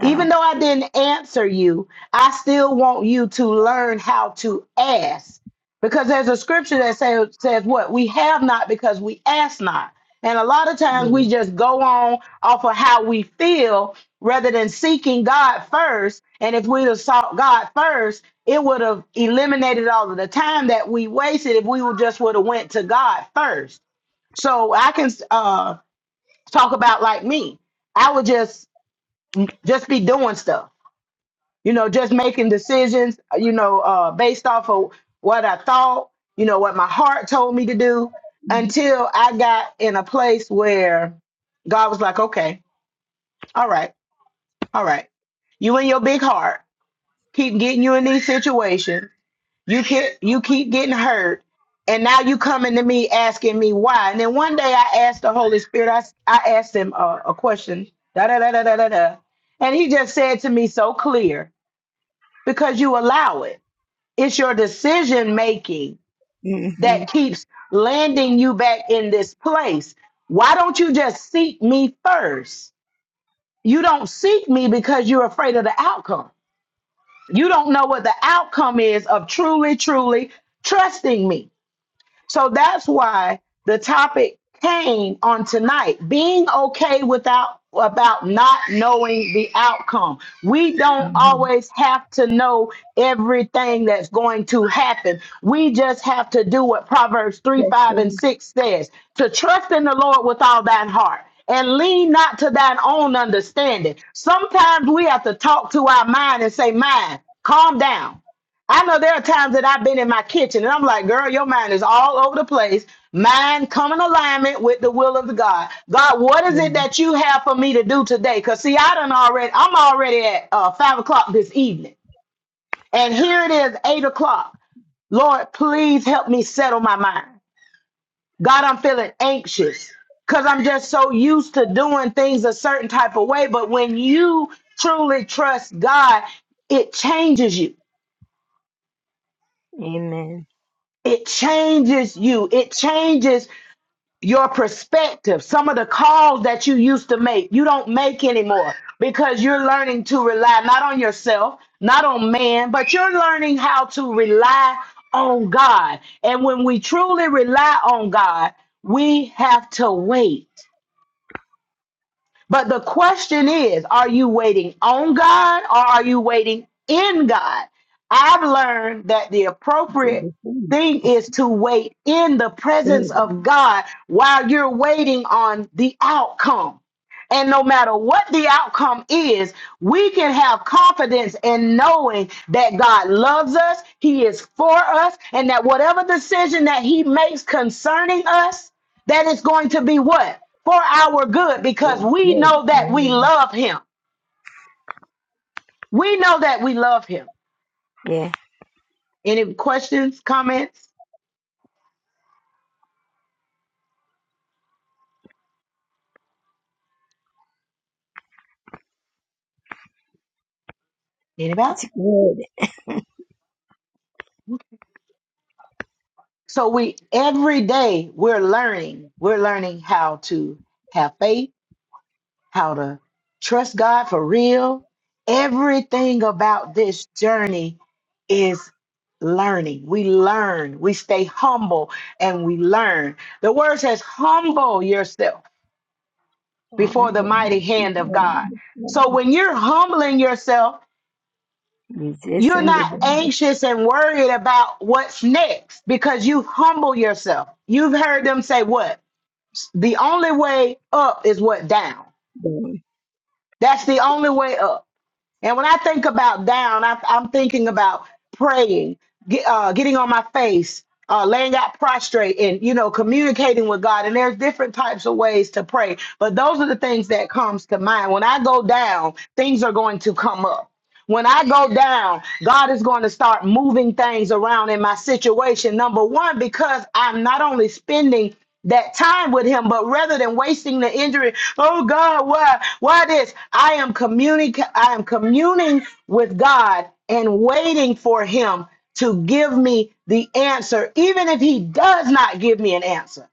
Ah, though I didn't answer you, I still want you to learn how to ask. Because there's a scripture that says, says what? We have not because we ask not. And a lot of times we just go on off of how we feel rather than seeking God first. And if we'd have sought God first, it would have eliminated all of the time that we wasted if we would just would have went to God first. So I can uh, talk about like me. I would just just be doing stuff you know, just making decisions, uh, you know, uh, based off of what I thought, you know, what my heart told me to do until I got in a place where God was like, okay, all right, all right. You and your big heart keep getting you in these situations. You keep, you keep getting hurt. And now you coming to me asking me why. And then one day I asked the Holy Spirit, I, s- I asked him uh, a question, da da da da da da. da. And he just said to me so clear, because you allow it It's your decision making mm-hmm. that keeps landing you back in this place. Why don't you just seek me first? You don't seek me because you're afraid of the outcome. You don't know what the outcome is of truly, truly trusting me. So that's why the topic came on tonight. Being okay without about not knowing the outcome. We don't always have to know everything that's going to happen. We just have to do what Proverbs 3, 5, and 6 says to trust in the Lord with all thine heart and lean not to thine own understanding. Sometimes we have to talk to our mind and say, Mind, calm down. I know there are times that I've been in my kitchen and I'm like, girl, your mind is all over the place. Mind come in alignment with the will of the God. God, what is it that you have for me to do today? Because see, I done already, I'm already at uh, five o'clock this evening. And here it is, eight o'clock. Lord, please help me settle my mind. God, I'm feeling anxious because I'm just so used to doing things a certain type of way. But when you truly trust God, it changes you Amen. it changes you it changes your perspective some of the calls that you used to make you don't make anymore because you're learning to rely not on yourself not on man but you're learning how to rely on god and when we truly rely on god we have to wait but the question is, are you waiting on God or are you waiting in God? I've learned that the It's a appropriate different thing is to wait in the presence spirit. of God while you're waiting on the outcome. And no matter what the outcome is, we can have confidence in knowing that God loves us, He is for us, and that whatever decision that He makes concerning us, that is going to be what? For our good, because It's we good. know that we Amen. love him. We know that we love him. Yeah, Any questions, comments? Anybody? it's good. So we every day we're learning. We're learning how to have faith, how to trust God for real. Everything about this journey is learning. We learn. We stay humble and we learn. The word says humble yourself before the Honor mighty hand of God. So when you're humbling yourself, you're Resisting the not devil's anxious and worried about what's next because you humble yourself. You've heard them say what? The only way up is what down. day. That's the only way up. And when I think about down, I, I'm thinking about praying, get, uh, getting on my face, uh, laying out prostrate, and you know, communicating with God. And there's different types of ways to pray, but those are the things that comes to mind. When I go down, things are going to come up when I go down, God is going to start moving things around in my situation. Number one, because I'm not only spending that time with him, but rather than wasting the injury, oh God, why, why this? I am communicating, I am communing with God and waiting for him to give me the answer. Even if he does not give me an answer,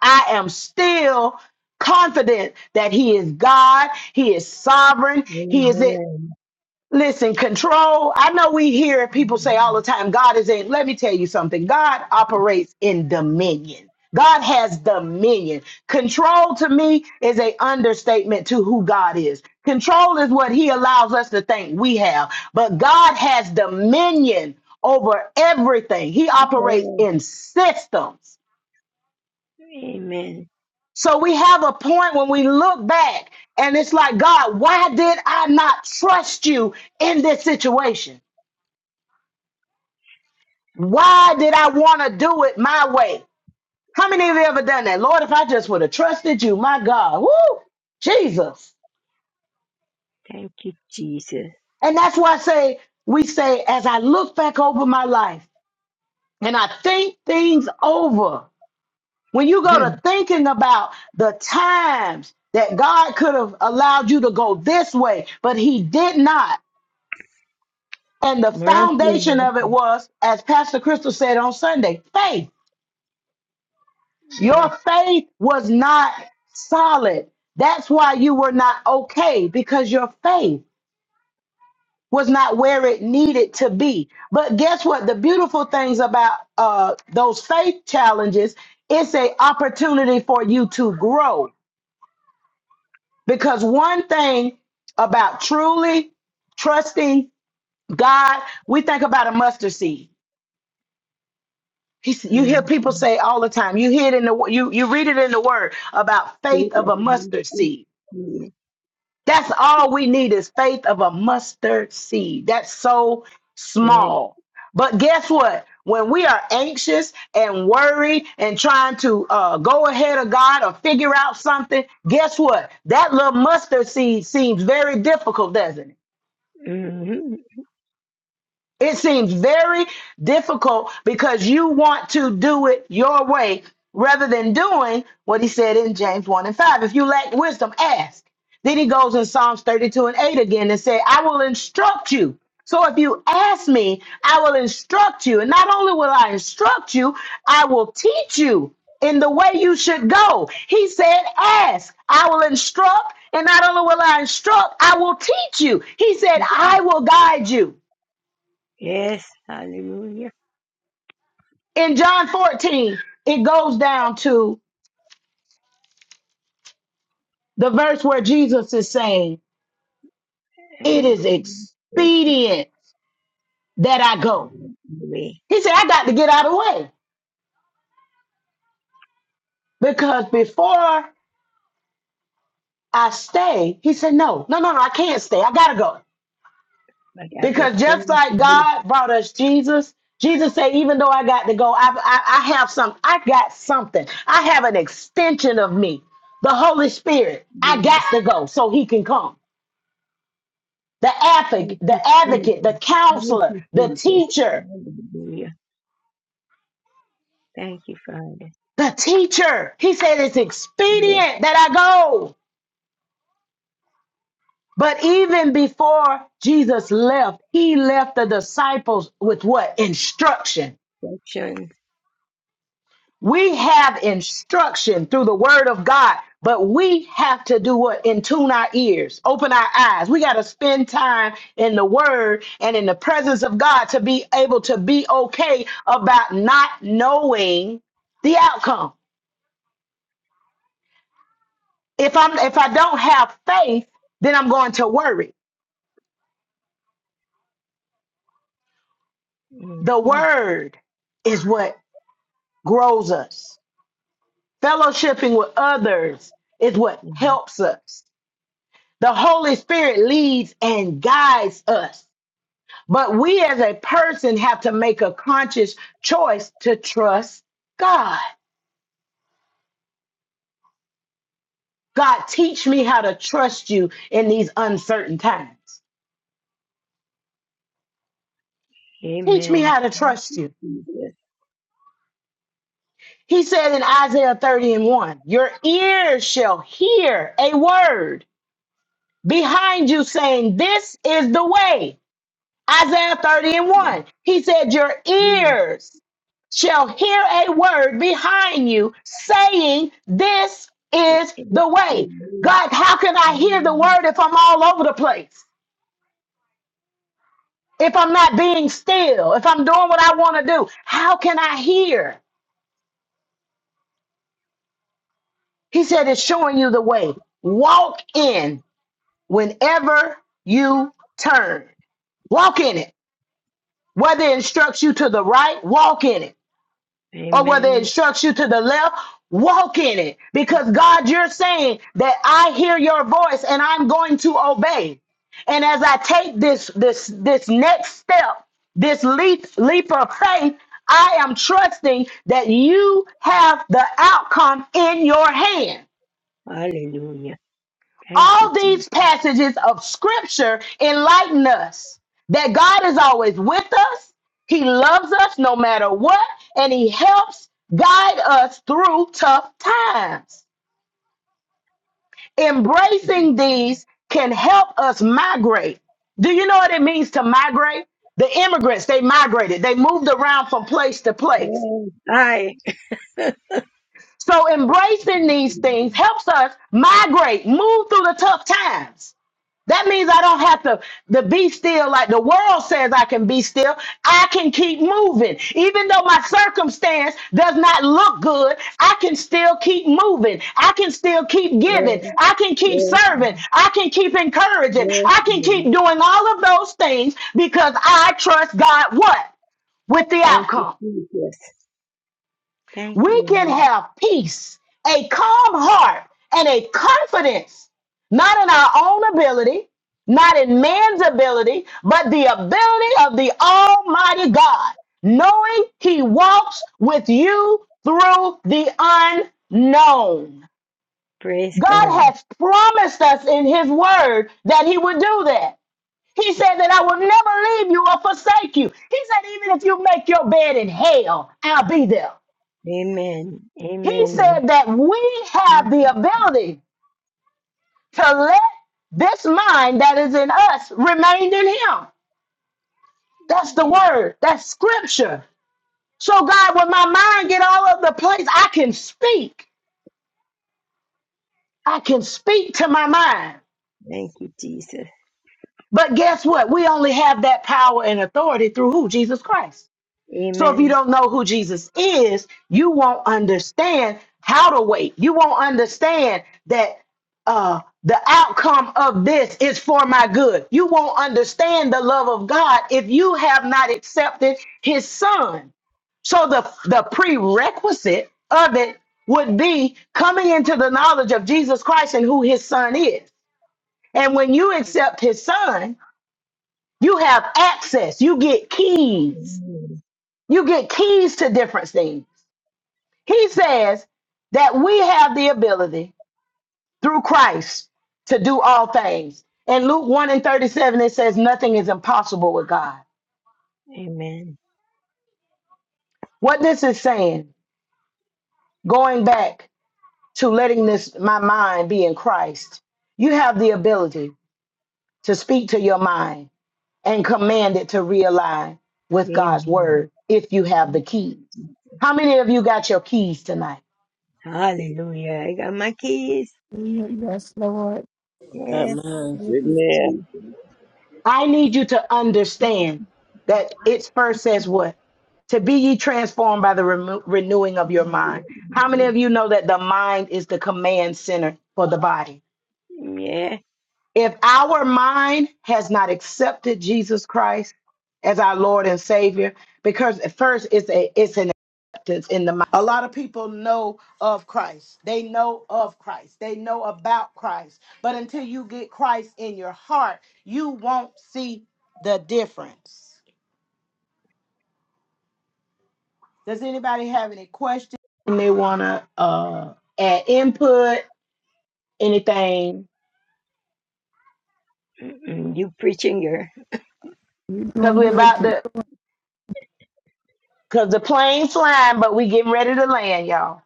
I am still confident that he is God, he is sovereign, he is it Amen. Listen, control. I know we hear people say all the time, God is in. Let me tell you something. God operates in dominion. God has dominion. Control to me is a understatement to who God is. Control is what he allows us to think we have, but God has dominion over everything. He operates Yeah. in systems. Amen. So we have a point when we look back and it's like, God, why did I not trust you in this situation? Why did I want to do it my way? How many of you ever done that? Lord, if I just would have trusted you, my God, woo, Jesus. Thank you, Jesus. And that's why I say, we say, as I look back over my life and I think things over, when you go to thinking about the times that God could have allowed you to go this way, but He did not. And the Mercy. foundation Lord. of it was, as Pastor Crystal said on Sunday, faith. Your Yeah. faith was not solid. That's why you were not okay because your faith was not where it needed to be. But guess what? The beautiful things about uh, those faith challenges, it's a opportunity for you to grow. Because one thing about truly trusting God, we think about a mustard seed. He s- You hear people say all the time. You hear it in the wo- you you read it in the word about Good faith of like a mustard seed a medicine. That's all we need is faith of a mustard seed. That's so Yes. small. But guess what? When we are anxious and worried and trying to uh, go ahead of God or figure out something, guess what? That little mustard seed seems very difficult, doesn't it? mm hmm It seems very difficult because you want to do it your way rather than doing what he said in James 1 and 5. If you lack wisdom, ask. Then he goes in Psalms 32 and 8 again and say, I will instruct you. So if you ask me, I will instruct you. And not only will I instruct you, I will teach you in the way you should go. He said, Ask, I will instruct. And not only will I instruct, I will teach you. He said, I will guide you. Yes. Hallelujah. in John 14, it goes down to the verse where Jesus is saying, It And the is Holy Spirit expedient that I go. will be. He said, I got to get out of the way because before I stay, he said, No, no, no, no, I can't stay. I got to go. But at the Because just same like time, God brought us Jesus, Jesus said, Even though I got to go, I, I, I have some, I got something. I have an extension of me, the Holy Spirit. I got yes, to go so he can come. the advocate, thank the you, advocate, the Jesus. Thank counselor, you, the Jesus. teacher, Hallelujah. Thank you, Father. the teacher. He said it's The expedient that I go. But even before Jesus left, he left the disciples with what? Instruction. affection. We have instruction through the word of God, but we have to do what? And tune our ears, open our eyes. We got to spend time in the word and in the presence of God to be able to be okay about not knowing the outcome. If I'm if I don't have faith, then I'm going to worry. The Mm-hmm. word is what grows us. Fellowshipping with others is what helps us. The Holy Spirit leads and guides us. But we as a person have to make a conscious choice to trust God. God, teach me how to trust you in these uncertain times. Teach me Amen. how to trust you. Jesus. He said in Isaiah 30 and 1, Your ears shall hear a word behind you saying, This is the way. Isaiah 30 and 1. He said, Your Amen. ears shall hear a word behind you saying, This is the way. God, how can I hear the Amen. word if I'm all over the place? If I'm not being still, if I'm doing what I want to do, how can I hear? He said, It's showing you the way. Walk in. whenever you turn. Walk in it. Whether it instructs you to the right, walk in it. Or whether it Amen. instructs you to the left, walk in it. Because God, you're saying that I hear your voice and I'm going to obey. And as I take this this this next step, this leap leap of faith, I am trusting that you have the outcome in your hand. Hallelujah. Thank you, All Jesus. these passages of scripture enlighten us that God is always with us, He loves us no matter what, and He helps guide us through tough times. Embracing these can help us migrate. Do you know what it means to migrate? The immigrants, they migrated, they moved around from place to place. Yes. Hi. So, embracing these things helps us migrate, move through the tough times. That means I don't have to, to be still like the world says I can be still. I can keep moving. Even though my circumstance does not look good, I can still keep moving. I can still keep Yes. giving. I can keep Yes. serving. I can keep encouraging. Yes, I can keep Lord. doing all of those things because I trust God what? With the Thank you, outcome Jesus. Thank you, we can Lord. have peace, a calm heart, and a confidence, not in our own ability, not in man's ability, but the ability of the Almighty God, knowing He walks with you through the unknown. Praise God. God has promised us in His Word that He would do that. He said that I will never leave you or forsake you. He said, even if you make your bed in hell, I'll be there. Amen. He Amen. said that we have the ability to let this mind that is in us remain in him. That's the Yes, word, that's scripture. So, God, when my mind get all over the place, I can speak. I can speak to my mind. Thank you, Jesus. But guess what? We only have that power and authority through who? Jesus Christ. So if you Amen. don't know who Jesus is, you won't understand how to wait. You won't understand that uh, the outcome of this is for my good. You won't understand the love of God if you have not accepted His Son. So the the prerequisite of it would be coming into the knowledge of Jesus Christ and who His Son is. And when you accept His Son, you have access. You get keys. Amen. You get keys to different things. He says that we have the ability through Christ to do all things. In Luke 1 and 37, it says, Nothing is impossible with God. Amen. What this is saying, going back to letting this my mind be in Christ, you have the ability to speak to your mind and command it to realign with God's Amen. word if you have the keys. How many of you got your keys tonight? Hallelujah. I got my keys. That Yes. man Thank With you, Amen. Jesus. I need you to understand that it first says what? To be ye transformed by the remo- renewing of your mind. How many of you know that the mind is the command center for the body? Yeah. If our mind has not accepted Jesus Christ as our Lord and Savior, because at first it's a it's an is in the mind. A lot of people know of Christ. They know of Christ. They know about Christ. But until you get Christ in your heart, you won't see the difference. Does anybody have any questions? they want to uh, add input, anything? Mm-mm. You preaching your. Because we're about to, because the plane's flying, but we getting ready to land, y'all.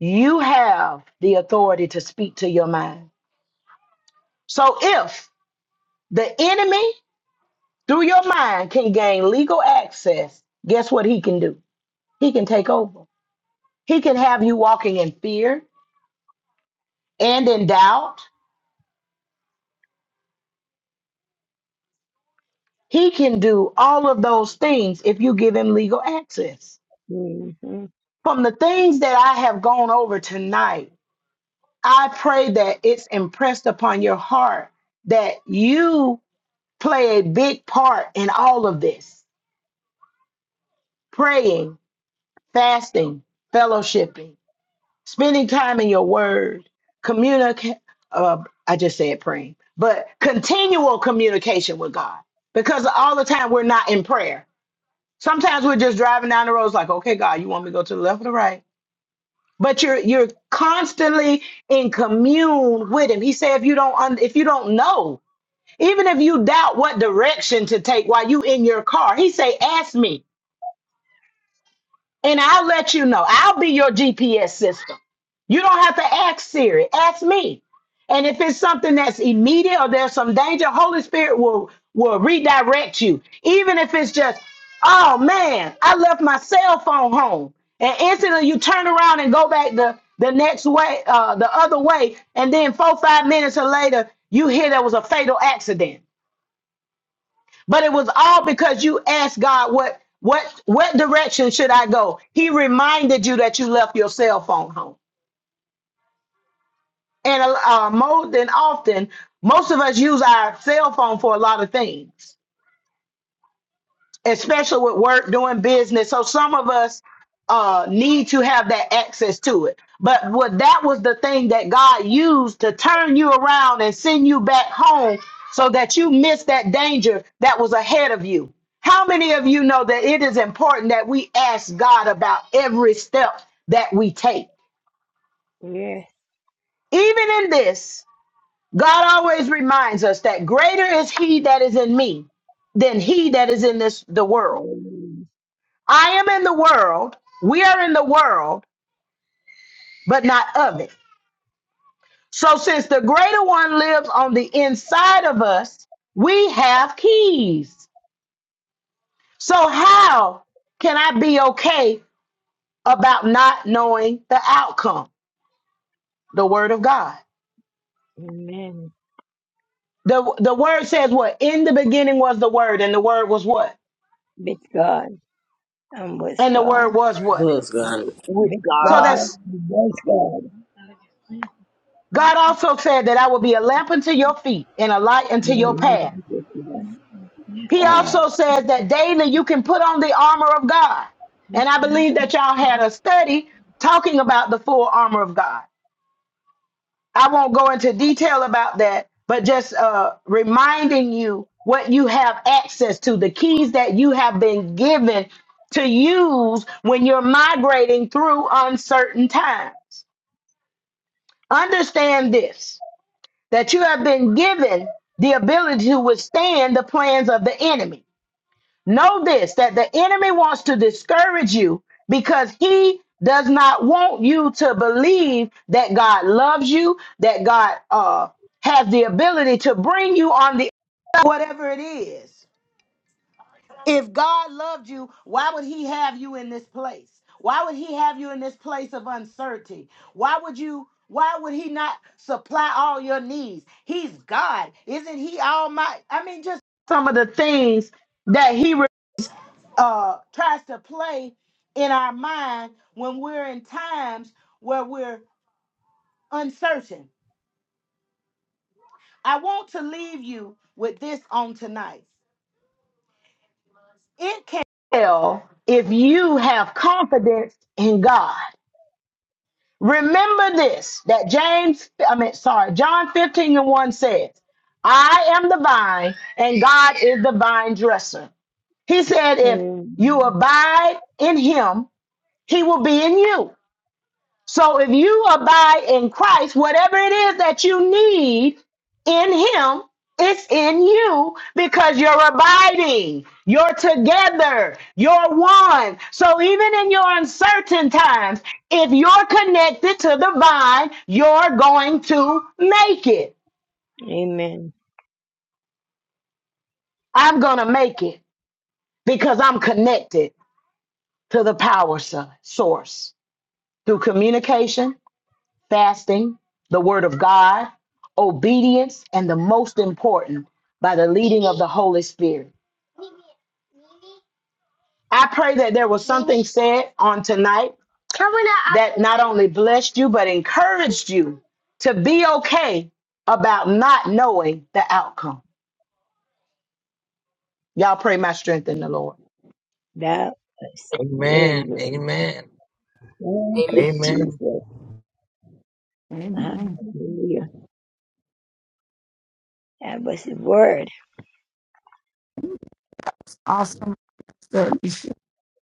You have the authority to speak to your mind. So if the enemy through your mind can gain legal access, guess what he can do? He can take over. He can have you walking in fear and in doubt. He can do all of those things if you give him legal access. Mm-hmm. From the things that I have gone over tonight, I pray that it's impressed upon your heart that you play a big part in all of this praying, fasting, fellowshipping spending time in your word, communicate. Uh, I just said praying, but continual communication with God because all the time we're not in prayer. Sometimes we're just driving down the roads like, okay, God, you want me to go to the left or the right? But you're you're constantly in commune with Him. He said, if you don't un- if you don't know, even if you doubt what direction to take while you in your car, He say, ask me. and I'll let you know. I'll be your GPS system. You don't have to ask Siri, ask me. And if it's something that's immediate or there's some danger, Holy Spirit will will redirect you. Even if it's just, oh man, I left my cell phone home. And instantly you turn around and go back the, the next way, uh, the other way, and then four, five minutes later, you hear there was a fatal accident but it was all because you asked God what what what direction should I go? He reminded you that you left your cell phone home. And uh, more than often, most of us use our cell phone for a lot of things especially with work doing business so some of us uh need to have that access to it but what that was the thing that god used to turn you around and send you back home so that you miss that danger that was ahead of you how many of you know that it is important that we ask god about every step that we take Yes. even in this god always reminds us that greater is he that is in me than he that is in this the world Amen. I am in the world, we are in the world, but not of it. So, since the greater one lives on the inside of us, we have keys. So, how can I be okay about not knowing the outcome? The word of God. Amen. The, the word says what? In the beginning was the word, and the word was what? With God I'm with And the God. word was what? was God. With With So, God. God that's and with God. God also said that I will be a lamp unto your feet and a light But unto I your love path. you with love. He also says that daily you can put on the armor of God. And I believe that y'all had a study talking about the full armor of God. I won't go into detail about that, but just uh, reminding you what you have access to, the keys that you have been given to use when you're migrating through uncertain times. Understand this that you have been given the ability to withstand the plans of the enemy Know this that the enemy wants to discourage you because he does not want you to believe that God loves you, that God uh, has the ability to bring you on the whatever it is. If God loved you, why would he have you in this place? Why would he have you in this place of uncertainty? Why would you why would he not supply all your needs? He's God. Isn't he almighty? I mean just some of the things that he uh tries to play in our mind when we're in times where we're uncertain. I want to leave you with this on tonight. It can tell if you have confidence in God. Remember this that James, I mean, sorry, John 15 and 1 says, I am the vine and God is the vine dresser. He said, if you Mm, abide in him, he will be in you. So if you abide in Christ, whatever it is that you need in Him, it's in you because you're abiding, you're together, you're one. So even in your uncertain times, if you're connected to the vine, you're going to make it. Amen. I'm going to make it because I'm connected to the power so- source through communication, fasting, the Word of God, obedience, and the most important, by the leading of the Holy Spirit. I pray that there was something said on tonight that not only blessed you, but encouraged you to be okay about not knowing the outcome. Y'all pray my strength in the Lord. That was really Amen. good. Amen. Thank you, Amen. Amen. Jesus. Hallelujah. That was the word.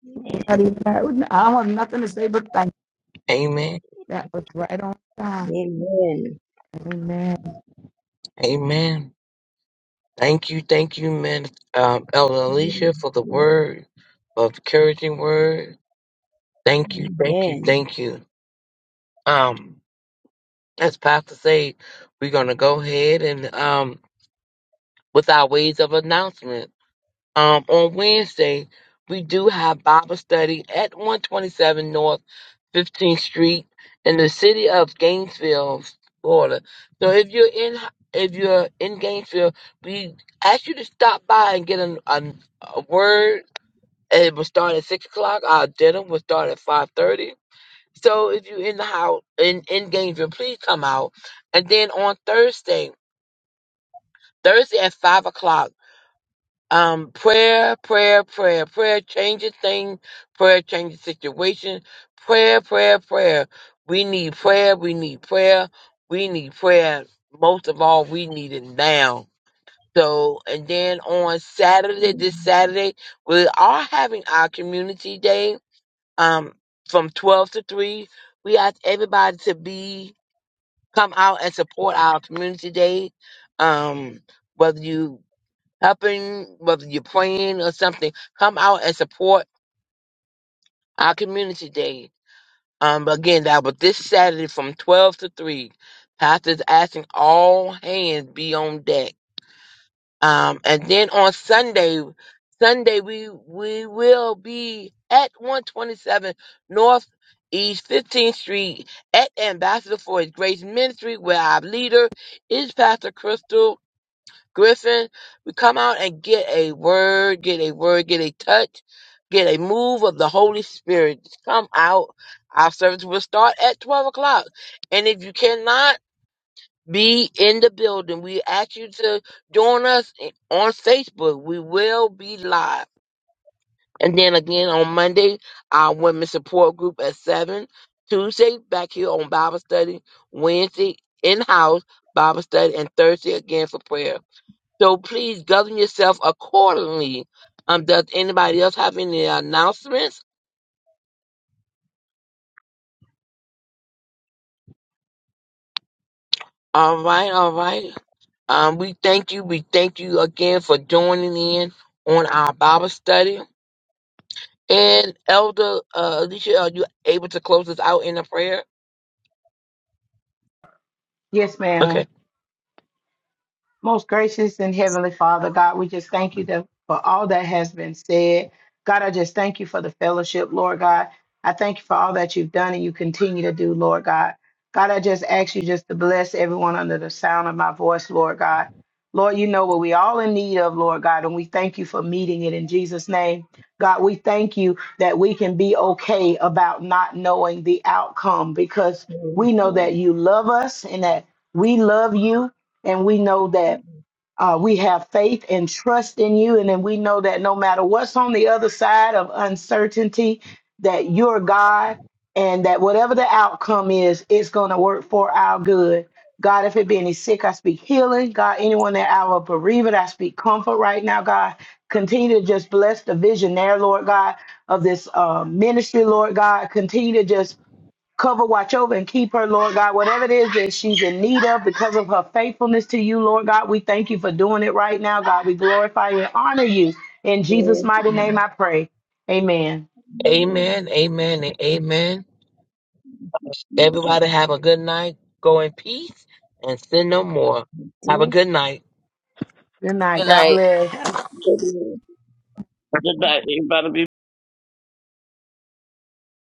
Amen. Amen. Amen. Amen. Thank you, thank you, man, um, Elder Alicia, for the word of encouraging word. Thank you, thank you, Amen. thank you. Um, as Pastor said, we're gonna go ahead and um with our ways of announcement. um, on Wednesday, we do have Bible study at 127 North 15th Street in the city of Gainesville, Florida. So if you're in if you're in Gainesville, we ask you to stop by and get an, an, a word. It will start at six o'clock. Our dinner will start at five thirty. So if you're in the house in in Gainesville, please come out. And then on Thursday, Thursday at five o'clock. Um, prayer, prayer, prayer, prayer changes things, prayer changes situation, prayer, prayer, prayer. We need prayer, we need prayer, we need prayer. Most of all, we need it now. So, and then on Saturday, this Saturday, we are having our community day, um, from 12 to 3. We ask everybody to be, come out and support our community day. Um, whether you helping, whether you're praying or something, come out and support our community day. Um, again, that was this Saturday from 12 to 3. Pastor's asking all hands be on deck. Um, and then on Sunday, Sunday we we will be at 127 North East 15th Street at Ambassador for His Grace Ministry, where our leader is Pastor Crystal Griffin, we come out and get a word, get a word, get a touch, get a move of the Holy Spirit. Just come out. Our service will start at 12 o'clock. And if you cannot be in the building, we ask you to join us on Facebook. We will be live. And then again on Monday, our women's support group at 7. Tuesday, back here on Bible study. Wednesday, in house Bible study. And Thursday, again for prayer. So please govern yourself accordingly. Um, does anybody else have any announcements? All right, all right. Um, we thank you. We thank you again for joining in on our Bible study. And Elder uh, Alicia, are you able to close us out in a prayer? Yes, ma'am. Okay. Most gracious and heavenly Father, God, we just thank you that for all that has been said. God, I just thank you for the fellowship, Lord God. I thank you for all that you've done and you continue to do, Lord God. God, I just ask you just to bless everyone under the sound of my voice, Lord God. Lord, you know what we all in need of, Lord God, and we thank you for meeting it in Jesus' name. God, we thank you that we can be okay about not knowing the outcome because Praise we the know Lord. that you love us and that we love you and we know that uh, we have faith and trust in you and then we know that no matter what's on the other side of uncertainty that you're god and that whatever the outcome is it's going to work for our good god if it be any sick i speak healing god anyone that our bereavement i speak comfort right now god continue to just bless the visionaire lord god of this uh, ministry lord god continue to just cover, watch over, and keep her, Lord God. Whatever it is that she's in need of because of her faithfulness to you, Lord God, we thank you for doing it right now, God. We glorify you and honor you. In Jesus' Praise mighty name, the I pray. Amen. Lord. Amen. Amen. And amen. Jesus. Everybody have a good night. Go in peace and sin no more. Have a good night. Good night. Good God night. bless. Hallelujah. Good night. Everybody be